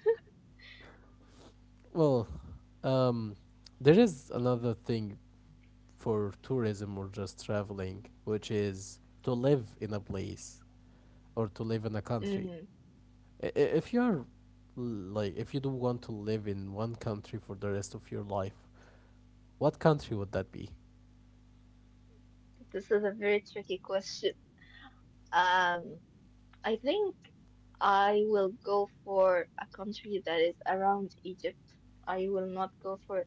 S1: Well, um there is another thing for tourism or just traveling, which is to live in a place or to live in a country.
S2: Mm,
S1: If you are, like, if you do want to live in one country for the rest of your life, what country would that be?
S2: this is a very tricky question. Um, I think. I will go for a country that is around Egypt. I will not go for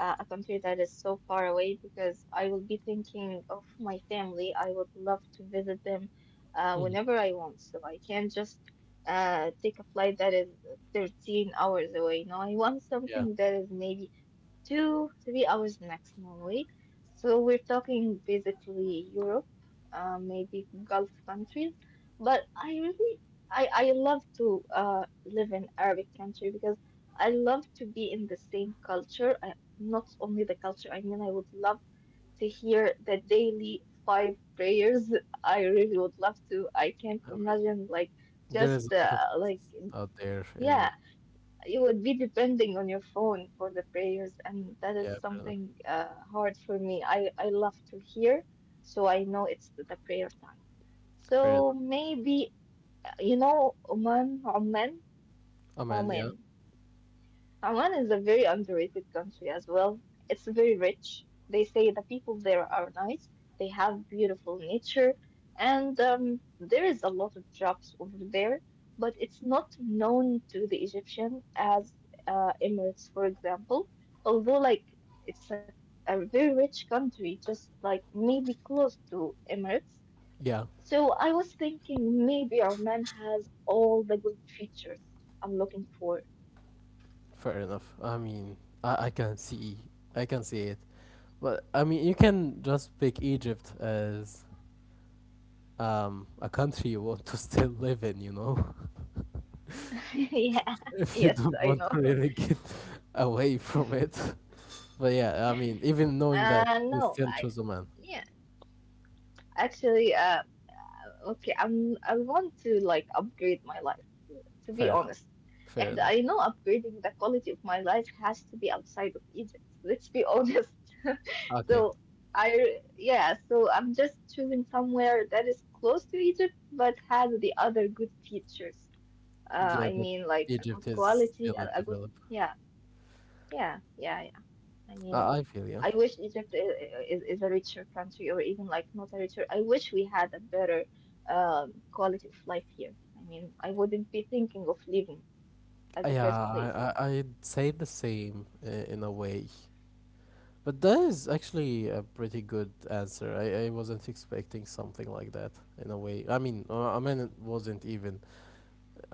S2: a country that is so far away because I will be thinking of my family. I would love to visit them
S1: Mhm.
S2: whenever I want. So I can't just take a flight that is 13 hours away. No, I want
S1: Yeah,
S2: something that is maybe two, 3 hours maximum away. So we're talking basically Europe, maybe Gulf countries. But I really I love to live in Arabic country because I love to be in the same culture. I, not only the culture, I mean, I would love to hear the daily five prayers. I really would love to. I can't
S1: I mean,
S2: imagine like
S1: there is a
S2: just
S1: lot of
S2: like
S1: out there, and
S2: yeah, you would be depending on your phone for the prayers, and that
S1: yeah,
S2: is
S1: fair enough.
S2: something hard for me. I love to hear, so I know it's the prayer time.
S1: Fair enough.
S2: So maybe you know Oman, Oman.
S1: Oh man, yeah,
S2: Oman. Oman is a very underrated country as well. It's very rich. They say the people there are nice, they have beautiful nature, and there is a lot of jobs over there, but it's not known to the Egyptian as Emirates, for example. Although, like, it's a very rich country, just like maybe close to Emirates.
S1: yeah,
S2: So I was thinking maybe Oman has all the good features I'm looking for.
S1: fair enough. I mean, I can see, I can see it. But I mean, you can just pick Egypt as a country you want to still live in,
S2: Yeah,
S1: if you
S2: yes,
S1: don't
S2: I
S1: want
S2: know.
S1: to really get away from it. But yeah, I mean, even knowing that, you
S2: No,
S1: still
S2: I,
S1: choose Oman.
S2: yeah, actually, okay, I want to like upgrade my life, to be
S1: Fair enough.
S2: honest.
S1: Fair
S2: And
S1: enough.
S2: I know upgrading the quality of my life has to be outside of Egypt, let's be honest.
S1: Okay.
S2: So yeah, so I'm just choosing somewhere that is close to Egypt but has the other good features.
S1: Yeah,
S2: I
S1: that
S2: mean, like a
S1: Egypt
S2: good
S1: is
S2: quality,
S1: still in
S2: a good,
S1: develop.
S2: yeah, yeah, yeah. I mean,
S1: I feel you.
S2: I wish Egypt is a richer country, or even like not a richer. I wish we had a better quality of life here. I mean, I wouldn't be thinking of leaving at the
S1: Yeah,
S2: first place.
S1: I'd say the same in a way. But that is actually a pretty good answer. I wasn't expecting something like that in a way. I mean, it wasn't even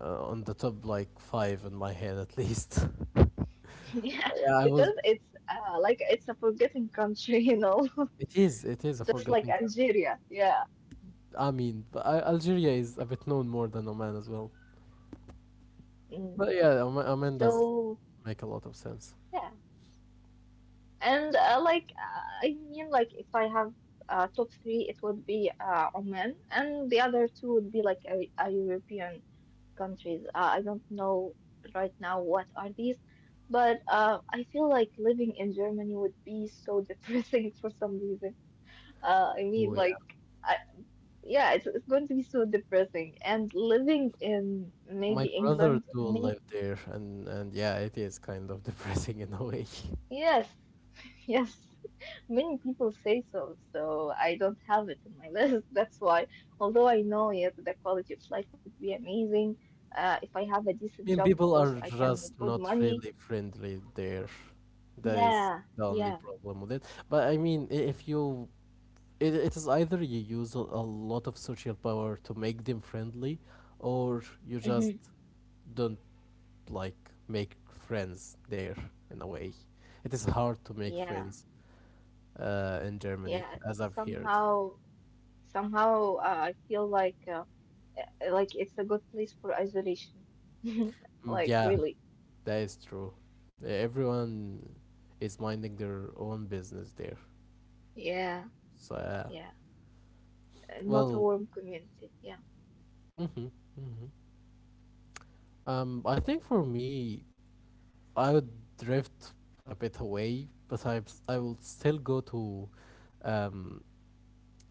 S1: on the top like five in my head at least. But
S2: Yeah,
S1: yeah, I was.
S2: because it's like it's a forgetting country, you know,
S1: It is. It is a
S2: just like
S1: forgotten.
S2: Algeria. Yeah.
S1: I mean, but Algeria is a bit known more than Oman as well.
S2: Mm.
S1: But yeah, Oman does
S2: So
S1: make a lot of sense.
S2: yeah, and I mean, like if I have top three, it would be Oman, and the other two would be like a European countries. I don't know right now what are these, but I feel like living in Germany would be so depressing for some reason. Uh, I mean,
S1: Oh yeah,
S2: like, I, yeah, it's going to be so depressing. And living in
S1: my
S2: maybe
S1: brother
S2: England,
S1: do
S2: maybe,
S1: live there, and yeah, it is kind of depressing in a way.
S2: yes, yes, many people say so, so I don't have it in my list. That's why, although I know, yes, the quality of life would be amazing. If I have a decent
S1: I mean,
S2: job, of
S1: people
S2: course,
S1: are
S2: I can make
S1: just
S2: good
S1: not
S2: money.
S1: really friendly there. That is
S2: Yeah,
S1: the only
S2: yeah,
S1: problem with it. But I mean, I- if you, it is either you use a lot of social power to make them friendly, or you just
S2: hmm
S1: don't like make friends there in a way. It is hard to make
S2: yeah,
S1: friends in Germany,
S2: yeah.
S1: as I've heard.
S2: Somehow, somehow, I feel like it's a good place for isolation.
S1: Mm,
S2: Like
S1: yeah,
S2: really,
S1: that is true. Everyone is minding their own business there.
S2: yeah,
S1: So yeah.
S2: yeah. Not a
S1: Well,
S2: warm community. Yeah.
S1: mm-hmm, mm-hmm. I think for me, I would drift a bit away, but I will still go to um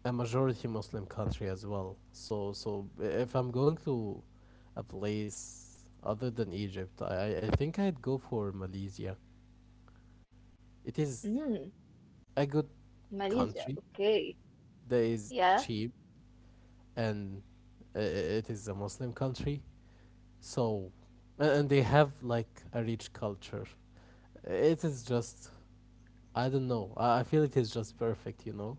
S1: a majority Muslim country as well. So if I'm going to a place other than Egypt, I think I'd go for Malaysia. It is
S2: Mm,
S1: a good
S2: Malaysia.
S1: country
S2: Okay.
S1: that is
S2: Yeah.
S1: cheap and it is a Muslim country. So and they have like a rich culture. It is just I don't know. I feel it is just perfect.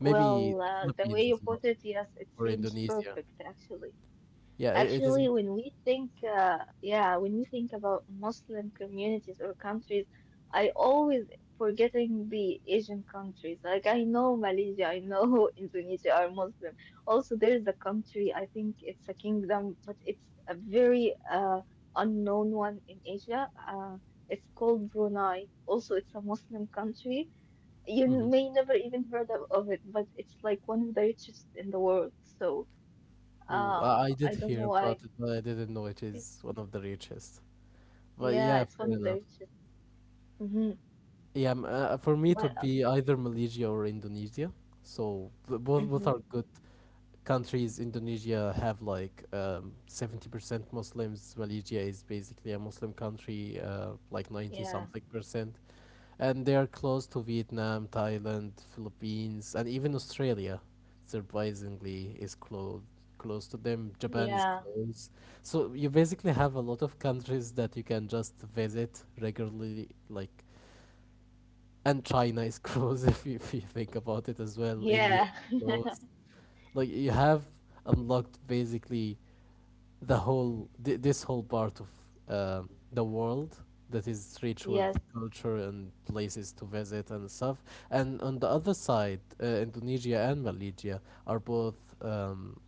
S1: Maybe the
S2: the way
S1: Philippines
S2: you
S1: as well
S2: put it, yes, it
S1: or
S2: seems
S1: Indonesia.
S2: perfect actually.
S1: Yeah, I it is.
S2: Actually, when we think, yeah, when we think about Muslim communities or countries, I always forgetting the Asian countries. Like I know Malaysia, I know Indonesia are Muslim. Also, there is a country, I think it's a kingdom, but it's a very unknown one in Asia. It's called Brunei. Also, it's a Muslim country. You
S1: Mhm.
S2: may never even heard of it, but it's like one of the richest in the world. So,
S1: Ooh, I
S2: I
S1: did
S2: don't know
S1: hear
S2: why.
S1: about it, but I didn't know it is one of the richest. But
S2: Yeah,
S1: yeah,
S2: it's
S1: fair
S2: one of the
S1: enough.
S2: richest. Hmm.
S1: Yeah, for me it
S2: But
S1: would be either Malaysia or Indonesia. So both
S2: hmm.
S1: are good countries. Indonesia have like 70% Muslims. Malaysia is basically a Muslim country, like 90
S2: Yeah,
S1: something percent. And they are close to Vietnam, Thailand, Philippines, and even Australia. Surprisingly, is close to them. Japan is
S2: yeah,
S1: close, so you basically have a lot of countries that you can just visit regularly. Like, and China is close if you think about it as well. India is
S2: yeah.
S1: close. Like you have unlocked basically the this whole part of uh, the world that is rich with
S2: Yes,
S1: culture and places to visit and stuff. And on the other side, Indonesia and Malaysia are both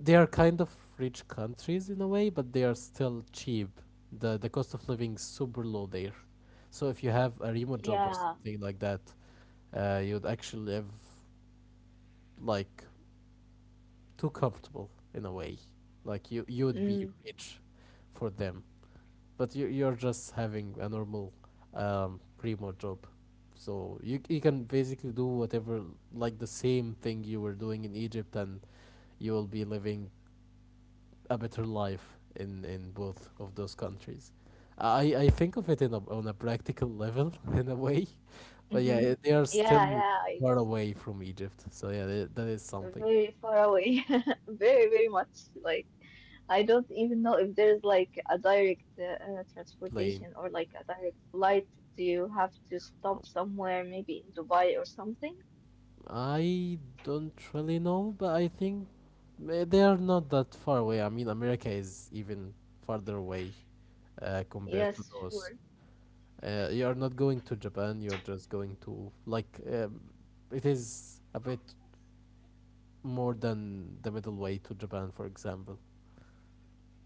S1: they are kind of rich countries in a way, but they are still cheap. The cost of living is super low there. So if you have a remote job or
S2: yeah.
S1: something like that, you'd actually live like too comfortable in a way. Like you would be
S2: Mm,
S1: rich for them. But you're just having a normal remote job, so you can basically do whatever like the same thing you were doing in Egypt, and you will be living a better life in both of those countries. I think of it on a practical level in a way, but
S2: mm-hmm.
S1: yeah, they are
S2: Yeah,
S1: still
S2: yeah. I,
S1: far away from Egypt, so yeah, they, that is something
S2: very far away. Very, very much. Like I don't even know if there's like a direct
S1: plain.
S2: transportation or like a direct flight. Do you have to stop somewhere, maybe in Dubai or something?
S1: I don't really know, but I think they are not that far away. I mean, America is even farther away compared to
S2: Yes,
S1: those.
S2: sure.
S1: You are not going to Japan, you're just going to, like, it is a bit more than the middle way to Japan, for example.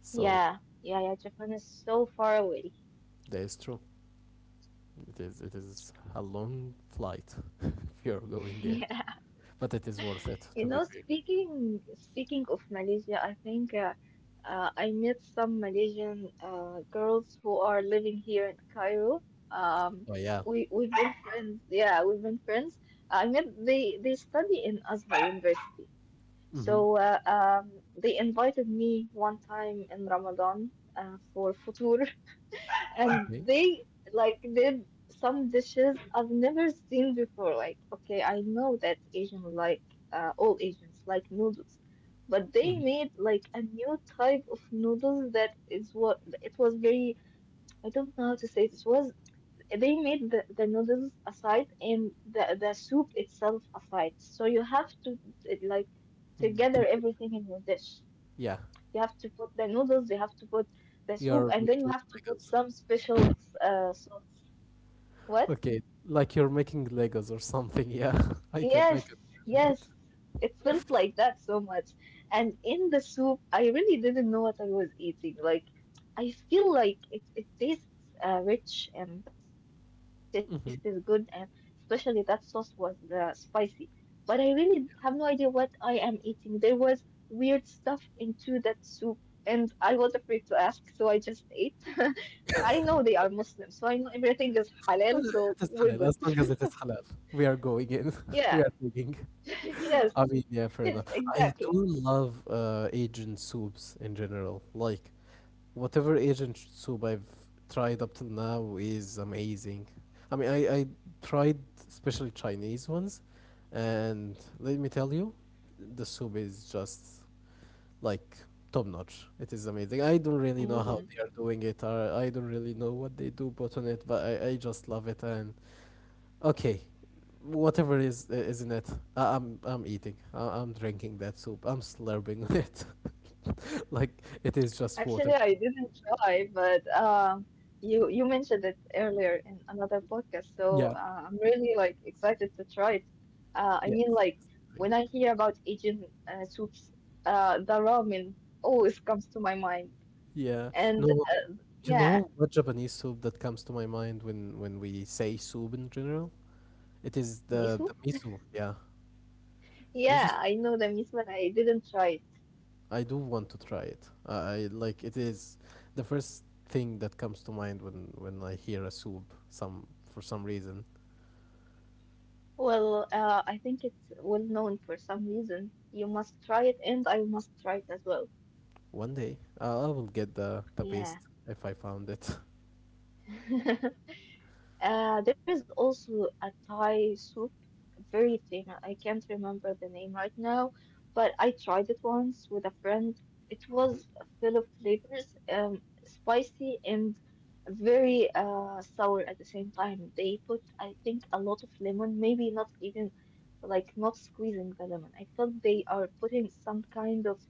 S1: So
S2: yeah, yeah. Japan is so far away.
S1: that is true. It is a long flight if you're going there,
S2: Yeah.
S1: but it is worth it
S2: You
S1: to be
S2: know,
S1: fair.
S2: speaking of Malaysia, I think I met some Malaysian girls who are living here in Cairo.
S1: Oh
S2: Um,
S1: yeah.
S2: we've been friends. Yeah, we've been friends. I met they study in Azhar University.
S1: Mm-hmm.
S2: So they invited me one time in Ramadan for futur
S1: Okay.
S2: and they like did some dishes I've never seen before. Like, okay, I know that Asian, like all Asians like noodles, but
S1: Mm-hmm.
S2: they made like a new type of noodles that is what it was very. I don't know how to say it. It was they made the noodles aside and the soup itself aside. So you have to it, like together
S1: Damn it.
S2: everything in your dish.
S1: Yeah,
S2: You have to put the noodles, you have to put the soup,
S1: you're
S2: and then you
S1: making
S2: have to put
S1: Legos.
S2: some special sauce. What?
S1: Okay, like you're making Legos or something. Yeah, I can I
S2: Yes,
S1: can imagine it.
S2: yes. It felt like that so much. And in the soup, I really didn't know what I was eating. Like, I feel like it tastes rich and the taste is good, and
S1: Hmm.
S2: especially that sauce was spicy. But I really have no idea what I am eating. There was weird stuff into that soup, and I was afraid to ask, so I just ate. I know they are Muslim, so I know everything is halal, so
S1: It is
S2: we're good.
S1: halal as long as it is halal. We are going in. We
S2: Yeah.
S1: are digging.
S2: Yes.
S1: I mean, yeah, fair
S2: Yes,
S1: enough. I do
S2: exactly.
S1: love Asian soups in general. Like whatever Asian soup I've tried up till now is amazing. I mean, I tried especially Chinese ones, and let me tell you, the soup is just like top notch. It is amazing. I don't really know how
S2: Mm.
S1: they are doing it, or I don't really know what they do, put on it, but I just love it. And okay, whatever is in it, I'm eating. I'm drinking that soup. I'm slurping it, like it is just
S2: Actually,
S1: water.
S2: I didn't try, but you you mentioned it earlier in another podcast, so
S1: Yeah,
S2: I'm really like excited to try it. I
S1: yeah,
S2: mean, like
S1: something.
S2: when I hear about Asian soups, the ramen always comes to my mind,
S1: Yeah.
S2: and
S1: No,
S2: uh,
S1: you
S2: yeah,
S1: know what Japanese soup that comes to my mind when we say soup in general? It is the
S2: miso.
S1: the miso. Yeah, miso.
S2: Yeah, I know the miso, but I didn't try it.
S1: I do want to try it. Like it is the first thing that comes to mind when I hear a soup. Some for some reason,
S2: Well, I think it's well known for some reason. You must try it, and I must try it as well.
S1: one day I will get the
S2: Yeah.
S1: paste if I found it.
S2: There is also a Thai soup, very thin. I can't remember the name right now, but I tried it once with a friend. It was full of flavors, spicy and very sour at the same time. They put, I think, a lot of lemon, maybe not even like not squeezing the lemon. I thought they are putting some kind of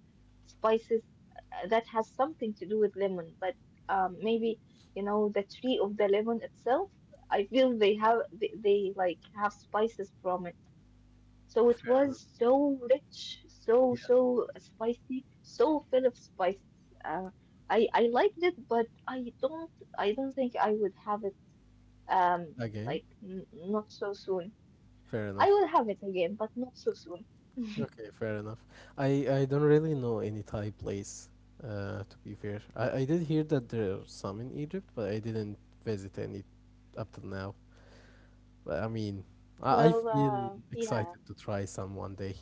S2: spices that has something to do with lemon, but maybe you know the tree of the lemon itself I feel they like have spices from it. So it was so rich, so
S1: Yeah,
S2: so spicy, so full of spice. Uh, I liked it, but I don't think I would have it like
S1: again,
S2: n not so soon.
S1: fair
S2: I
S1: enough.
S2: will have it again, but not so soon.
S1: Okay, fair enough. I I don't really know any Thai place. To be fair, I did hear that there are some in Egypt, but I didn't visit any up till now. But I mean, I
S2: Well,
S1: feel
S2: yeah,
S1: excited to try some one day.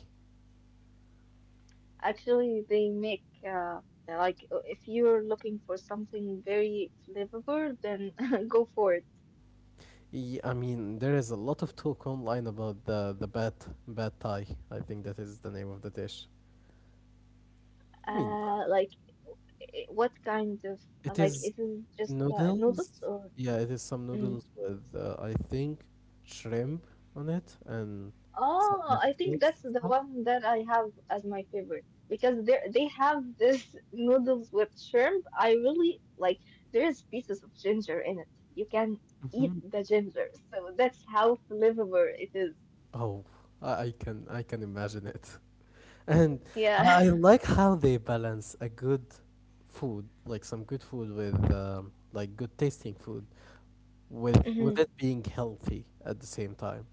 S2: actually they make they're like if you're looking for something very flavorful, then go for it.
S1: Yeah, I mean, there is a lot of talk online about the bad Thai. I think that is the name of the dish. I mean,
S2: Uh, like I- What kind of
S1: it
S2: like
S1: is
S2: is it just
S1: noodles.
S2: noodles or?
S1: Yeah, it is some
S2: Mm.
S1: noodles with I think shrimp on it and some
S2: Oh, I think
S1: vegetables
S2: that's
S1: and
S2: the
S1: stuff.
S2: one that I have as my favorite because they have this noodles with shrimp. I really like. There is pieces of ginger in it. You can eat the ginger, so that's how flavorful it is.
S1: Oh, I can I can imagine it. And I
S2: Yeah.
S1: like how they balance a good food, like some good food with like good tasting food, with
S2: Mhm.
S1: it being healthy at the same time.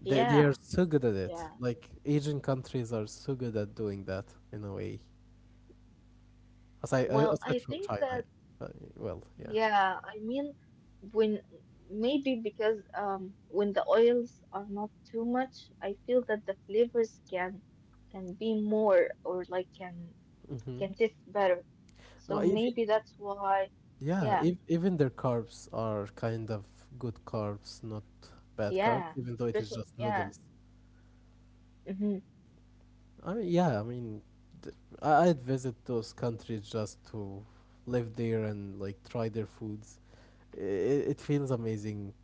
S1: They are
S2: Yeah.
S1: so good at it.
S2: Yeah.
S1: Like Asian countries are so good at doing that in a way. Aside
S2: Well,
S1: aside
S2: I
S1: from
S2: think
S1: China,
S2: that.
S1: uh, well, yeah.
S2: Yeah, I mean, when maybe because when the oils are not too much, I feel that the flavors can be more or
S1: hmm
S2: can taste better. So
S1: No, even
S2: maybe that's why.
S1: yeah,
S2: Yeah,
S1: ev even their carbs are kind of good carbs, not bad carbs,
S2: yeah,
S1: even though it is
S2: special.
S1: just
S2: Yeah,
S1: noodles.
S2: mm-hmm.
S1: I mean, yeah, I mean, th- I'd visit those countries just to live there and like try their foods. It, it feels amazing.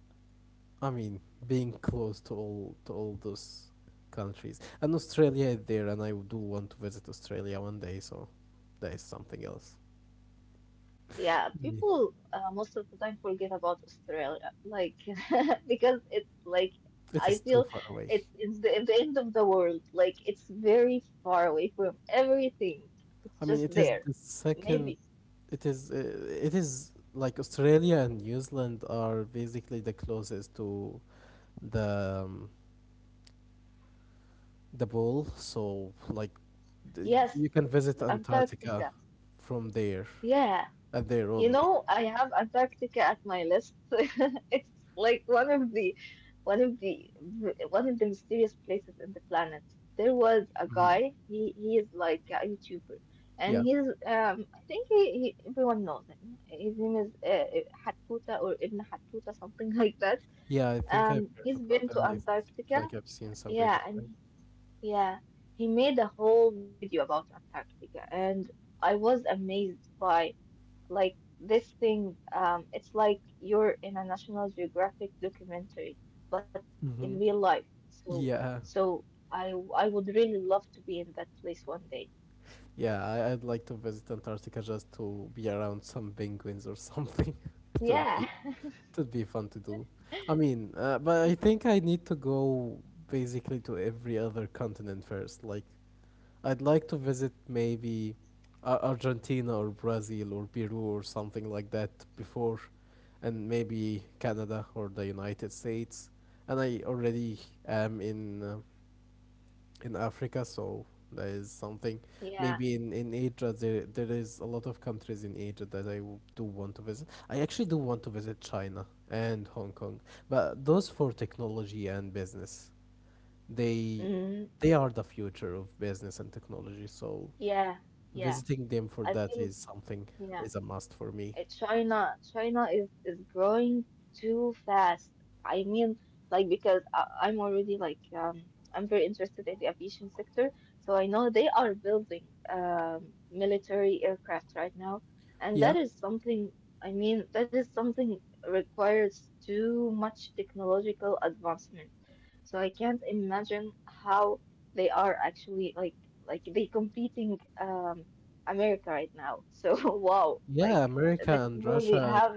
S1: I mean, being close to all those countries, and Australia is there, and I do want to visit Australia one day. So that is something else.
S2: Yeah,
S1: Yeah.
S2: people most of the time forget about Australia, like because it's like
S1: It
S2: I
S1: is too
S2: feel
S1: far away.
S2: it's in in the end of the world. Like it's very far away from everything. It's
S1: I mean,
S2: just
S1: it is
S2: there.
S1: the second.
S2: Maybe
S1: It is. It is like Australia and New Zealand are basically the closest to the um, the pole. So
S2: yes,
S1: you can visit Antarctica
S2: Antarctica.
S1: from there,
S2: Yeah,
S1: and there
S2: you
S1: only.
S2: know, I have Antarctica at my list. It's like one of the one of the mysterious places in the planet. There was a
S1: Hmm
S2: guy, he is like a YouTuber and
S1: Yeah.
S2: he's I think he everyone knows him. His name is Hattuta or Ibn Hattuta something like that.
S1: Yeah, I think
S2: Um,
S1: I've heard
S2: he's
S1: about
S2: been
S1: that.
S2: to Antarctica.
S1: Like I've seen some
S2: Yeah,
S1: videos,
S2: and
S1: right?
S2: yeah, he made a whole video about Antarctica and I was amazed by like this thing, it's like you're in a National Geographic documentary, but in
S1: Mm-hmm.
S2: real life. So,
S1: Yeah.
S2: so I would really love to be in that place one day.
S1: Yeah, I'd like to visit Antarctica just to be around some penguins or something.
S2: Yeah,
S1: It would be fun to do. I mean, but I think I need to go basically to every other continent first, like I'd like to visit maybe Argentina or Brazil or Peru or something like that before, and maybe Canada or the United States. And I already am in Africa, so that is something.
S2: yeah,
S1: Maybe in Asia, there is a lot of countries in Asia that do want to visit. I actually do want to visit China and Hong Kong, but those for technology and business. They
S2: mm,
S1: they are the future of business and technology, so
S2: yeah, yeah.
S1: visiting them for
S2: I
S1: that
S2: feel
S1: is something,
S2: yeah.
S1: is a must for me.
S2: China, China is growing too fast. I mean, like because I'm already like I'm very interested in the aviation sector, so I know they are building military aircraft right now, and
S1: Yeah.
S2: that is something. I mean, that is something requires too much technological advancement. So I can't imagine how they are actually they competing America right now. So wow,
S1: Yeah,
S2: like
S1: America
S2: the
S1: and
S2: technology I
S1: Russia and
S2: have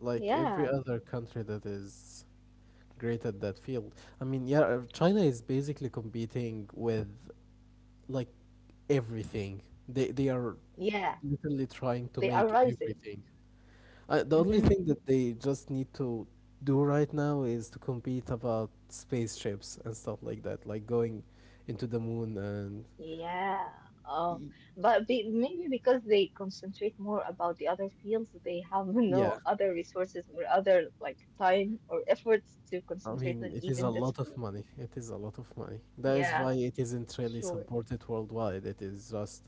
S1: like every
S2: yeah,
S1: other country that is great at that field. I mean, yeah, China is basically competing with like everything. They are
S2: yeah,
S1: literally trying to
S2: they are
S1: make
S2: rising.
S1: everything. The only
S2: Hmm.
S1: thing that they just need to do right now is to compete about spaceships and stuff like that, like going into the moon and
S2: Yeah. Oh,
S1: y-
S2: but be, maybe because they concentrate more about the other fields, they have
S1: yeah.
S2: no other resources or other like time or efforts to
S1: I
S2: concentrate
S1: mean,
S2: on
S1: it is a
S2: even this
S1: lot of
S2: field.
S1: money. It is a lot of money. That is
S2: Yeah,
S1: why it isn't really
S2: sure.
S1: supported worldwide. It is just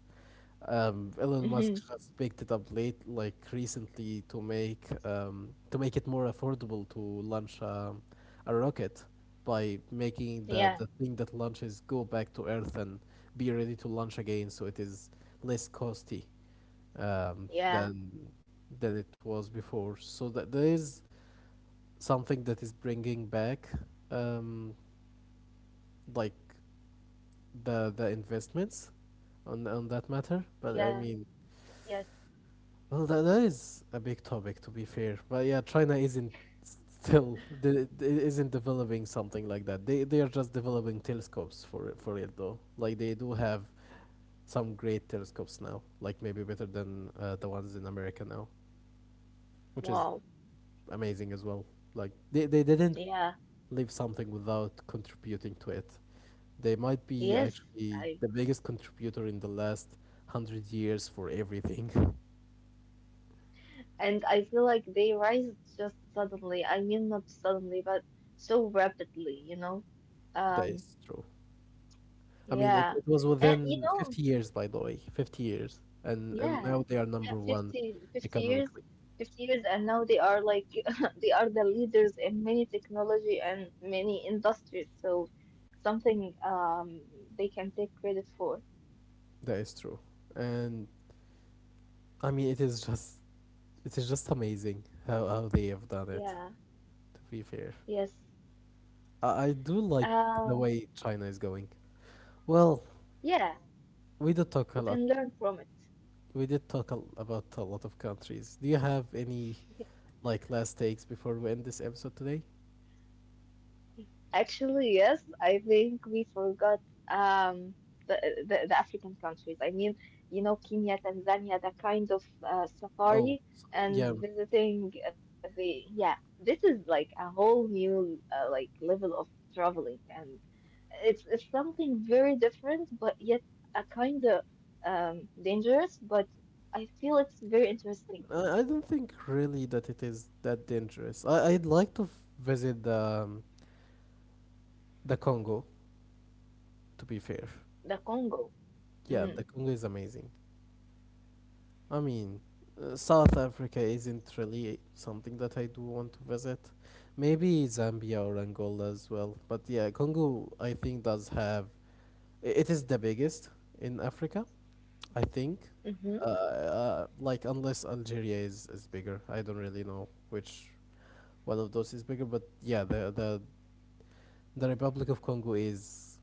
S1: Elon Musk
S2: Hmm.
S1: just picked it up late, like recently, to make it more affordable to launch a rocket by making the
S2: Yeah,
S1: the thing that launches go back to Earth and be ready to launch again. So it is less costly um,
S2: yeah,
S1: than than it was before. So that there is something that is bringing back um, like the investments on that matter. But I
S2: yeah,
S1: mean,
S2: yes.
S1: well, that is a big topic to be fair. But yeah, China isn't still isn't developing something like that. They are just developing telescopes for it though. Like they do have some great telescopes now, like maybe better than the ones in America now, which is
S2: Wow.
S1: amazing as well. Like they didn't
S2: Yeah,
S1: leave something without contributing to it. They might be
S2: yes.
S1: actually
S2: I.
S1: the biggest contributor in the last 100 years for everything.
S2: And I feel like they rise just suddenly. I mean, not suddenly, but so rapidly, you know?
S1: That
S2: Um,
S1: is true. I mean,
S2: yeah.
S1: it was
S2: And, you
S1: within
S2: know,
S1: 50 years, by the way, 50 years. And
S2: yeah.
S1: now they are
S2: Yeah,
S1: number one
S2: 50, 50 years,
S1: economically.
S2: 50 years, and now they are like, they are the leaders in many technology and many industries. So something they can take credit for.
S1: That is true. And I mean, it is just amazing how they have done it,
S2: Yeah.
S1: to be fair.
S2: Yes.
S1: I do like the
S2: Um,
S1: way China is going. Well,
S2: yeah,
S1: we did talk a
S2: we
S1: lot.
S2: can learn from it.
S1: We did about a lot of countries. Do you have any like last takes before we end this episode today?
S2: Actually, yes, I think we forgot um, the, the African countries. I mean, you know, Kenya, Tanzania, the kind of
S1: Oh,
S2: safari
S1: yeah.
S2: and visiting the yeah, this is like a whole new like level of traveling, and it's something very different, but yet a kind of dangerous. But I feel it's very interesting.
S1: I don't think really that it is that dangerous. I'd like to visit the Congo. To be fair,
S2: The Congo.
S1: yeah, the
S2: Mm.
S1: Congo is amazing. I mean, South Africa isn't really something that I do want to visit. Maybe Zambia or Angola as well. But yeah, Congo I think does have it is the biggest in Africa. I think,
S2: Mm-hmm.
S1: like unless Algeria is bigger, I don't really know which one of those is bigger. But yeah, the the Republic of Congo is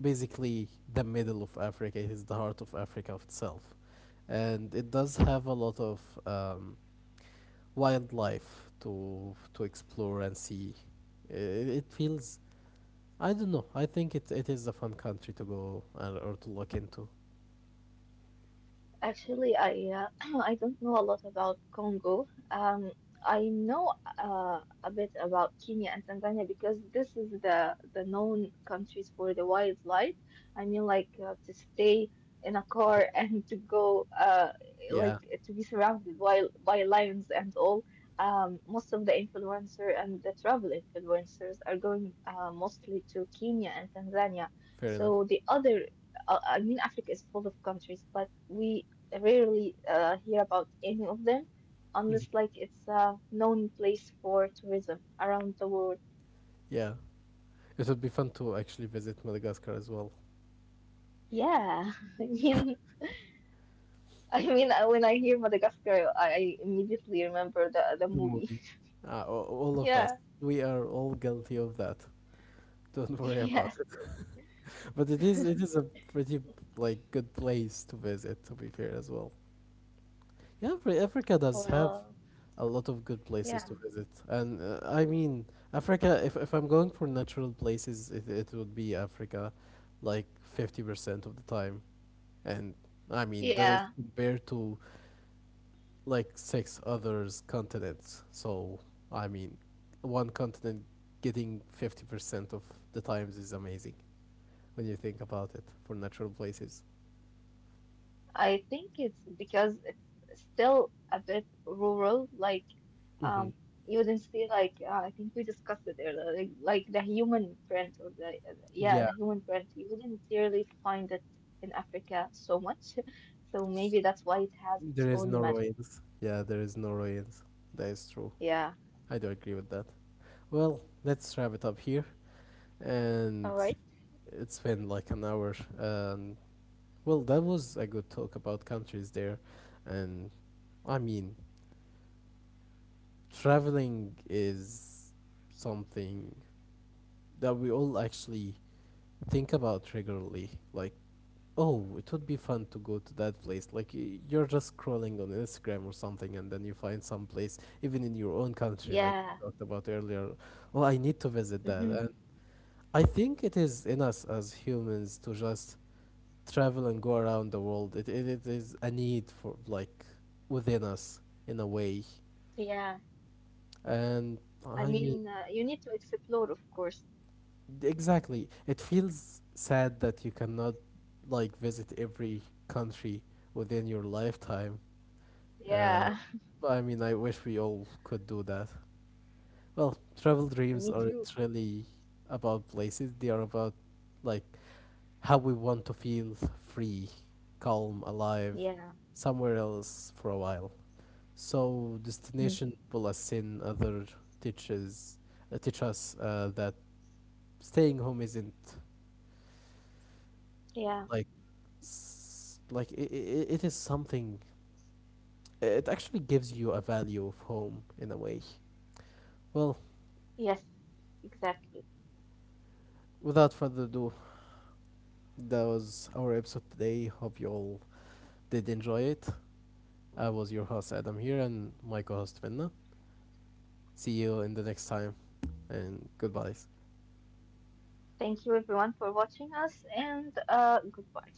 S1: basically the middle of Africa. It is the heart of Africa of itself, and it does have a lot of wildlife to explore and see. It feels. I don't know. I think it is a fun country to go and, or to look into.
S2: Actually, I I don't know a lot about Congo. I know a bit about Kenya and Tanzania because this is the known countries for the wildlife. I mean, like to stay in a car
S1: Mhm.
S2: and to go like
S1: Yeah,
S2: to be surrounded by lions and all. Most of the influencer and the travel influencers are going mostly to Kenya and Tanzania.
S1: fair enough.
S2: So the other I mean, Africa is full of countries, but we I rarely hear about any of them
S1: Mhm.
S2: unless like it's a known place for tourism around the world.
S1: Yeah. It would be fun to actually visit Madagascar as well.
S2: Yeah, I mean, I mean, when I hear Madagascar, I immediately remember the
S1: The
S2: movie.
S1: movie. All of us.
S2: Yeah,
S1: We are all guilty of that. Don't worry about
S2: yes.
S1: it. But it is a pretty like good place to visit to be fair as well. Yeah, Africa does have
S2: Well,
S1: a lot of good places
S2: yeah,
S1: to visit. And I mean, Africa, if I'm going for natural places, it would be Africa like 50% of the time. And I mean, that is
S2: yeah.
S1: compared to like six others continents. So I mean, one continent getting 50% of the times is amazing when you think about it for natural places.
S2: I think it's because it's still a bit rural. Like,
S1: Hmm
S2: um, you didn't see like I think we discussed it earlier, the human print or the yeah
S1: Yeah,
S2: the human print. You wouldn't really find it in Africa so much, so
S1: so
S2: maybe that's why it has its
S1: there is
S2: own
S1: no
S2: magic.
S1: ruins. Yeah, there is no ruins. That is true.
S2: Yeah,
S1: I do agree with that. Well, let's wrap it up here, and
S2: all right.
S1: it's been like an hour. And well, that was a good talk about countries there, and I mean, traveling is something that we all actually think about regularly. Like, oh, it would be fun to go to that place. Like, you're just scrolling on Instagram or something, and then you find some place, even in your own country, like
S2: Yeah,
S1: we talked about earlier. Oh, I need to visit
S2: hmm
S1: that. And I think it is in us as humans to just travel and go around the world. It is a need for, like, within us in a way.
S2: yeah.
S1: And
S2: I
S1: I mean,
S2: mean, you need to explore, of course.
S1: exactly. It feels sad that you cannot like visit every country within your lifetime. Uh,
S2: Yeah,
S1: but I mean, I wish we all could do that. Well, travel
S2: me
S1: dreams
S2: too.
S1: aren't really about places. They are about like how we want to feel free, calm, alive,
S2: Yeah,
S1: somewhere else for a while. So
S2: mhm.
S1: destination pull us in. Other teaches teach us that staying home isn't
S2: Yeah.
S1: like like it is something, it actually gives you a value of home in a way. Well,
S2: Yes, exactly.
S1: without further ado, that was our episode today. Hope you all did enjoy it. I was your host Adam here and my co-host Vinna. See you in the next time, and goodbyes.
S2: Thank you everyone for watching us and goodbye.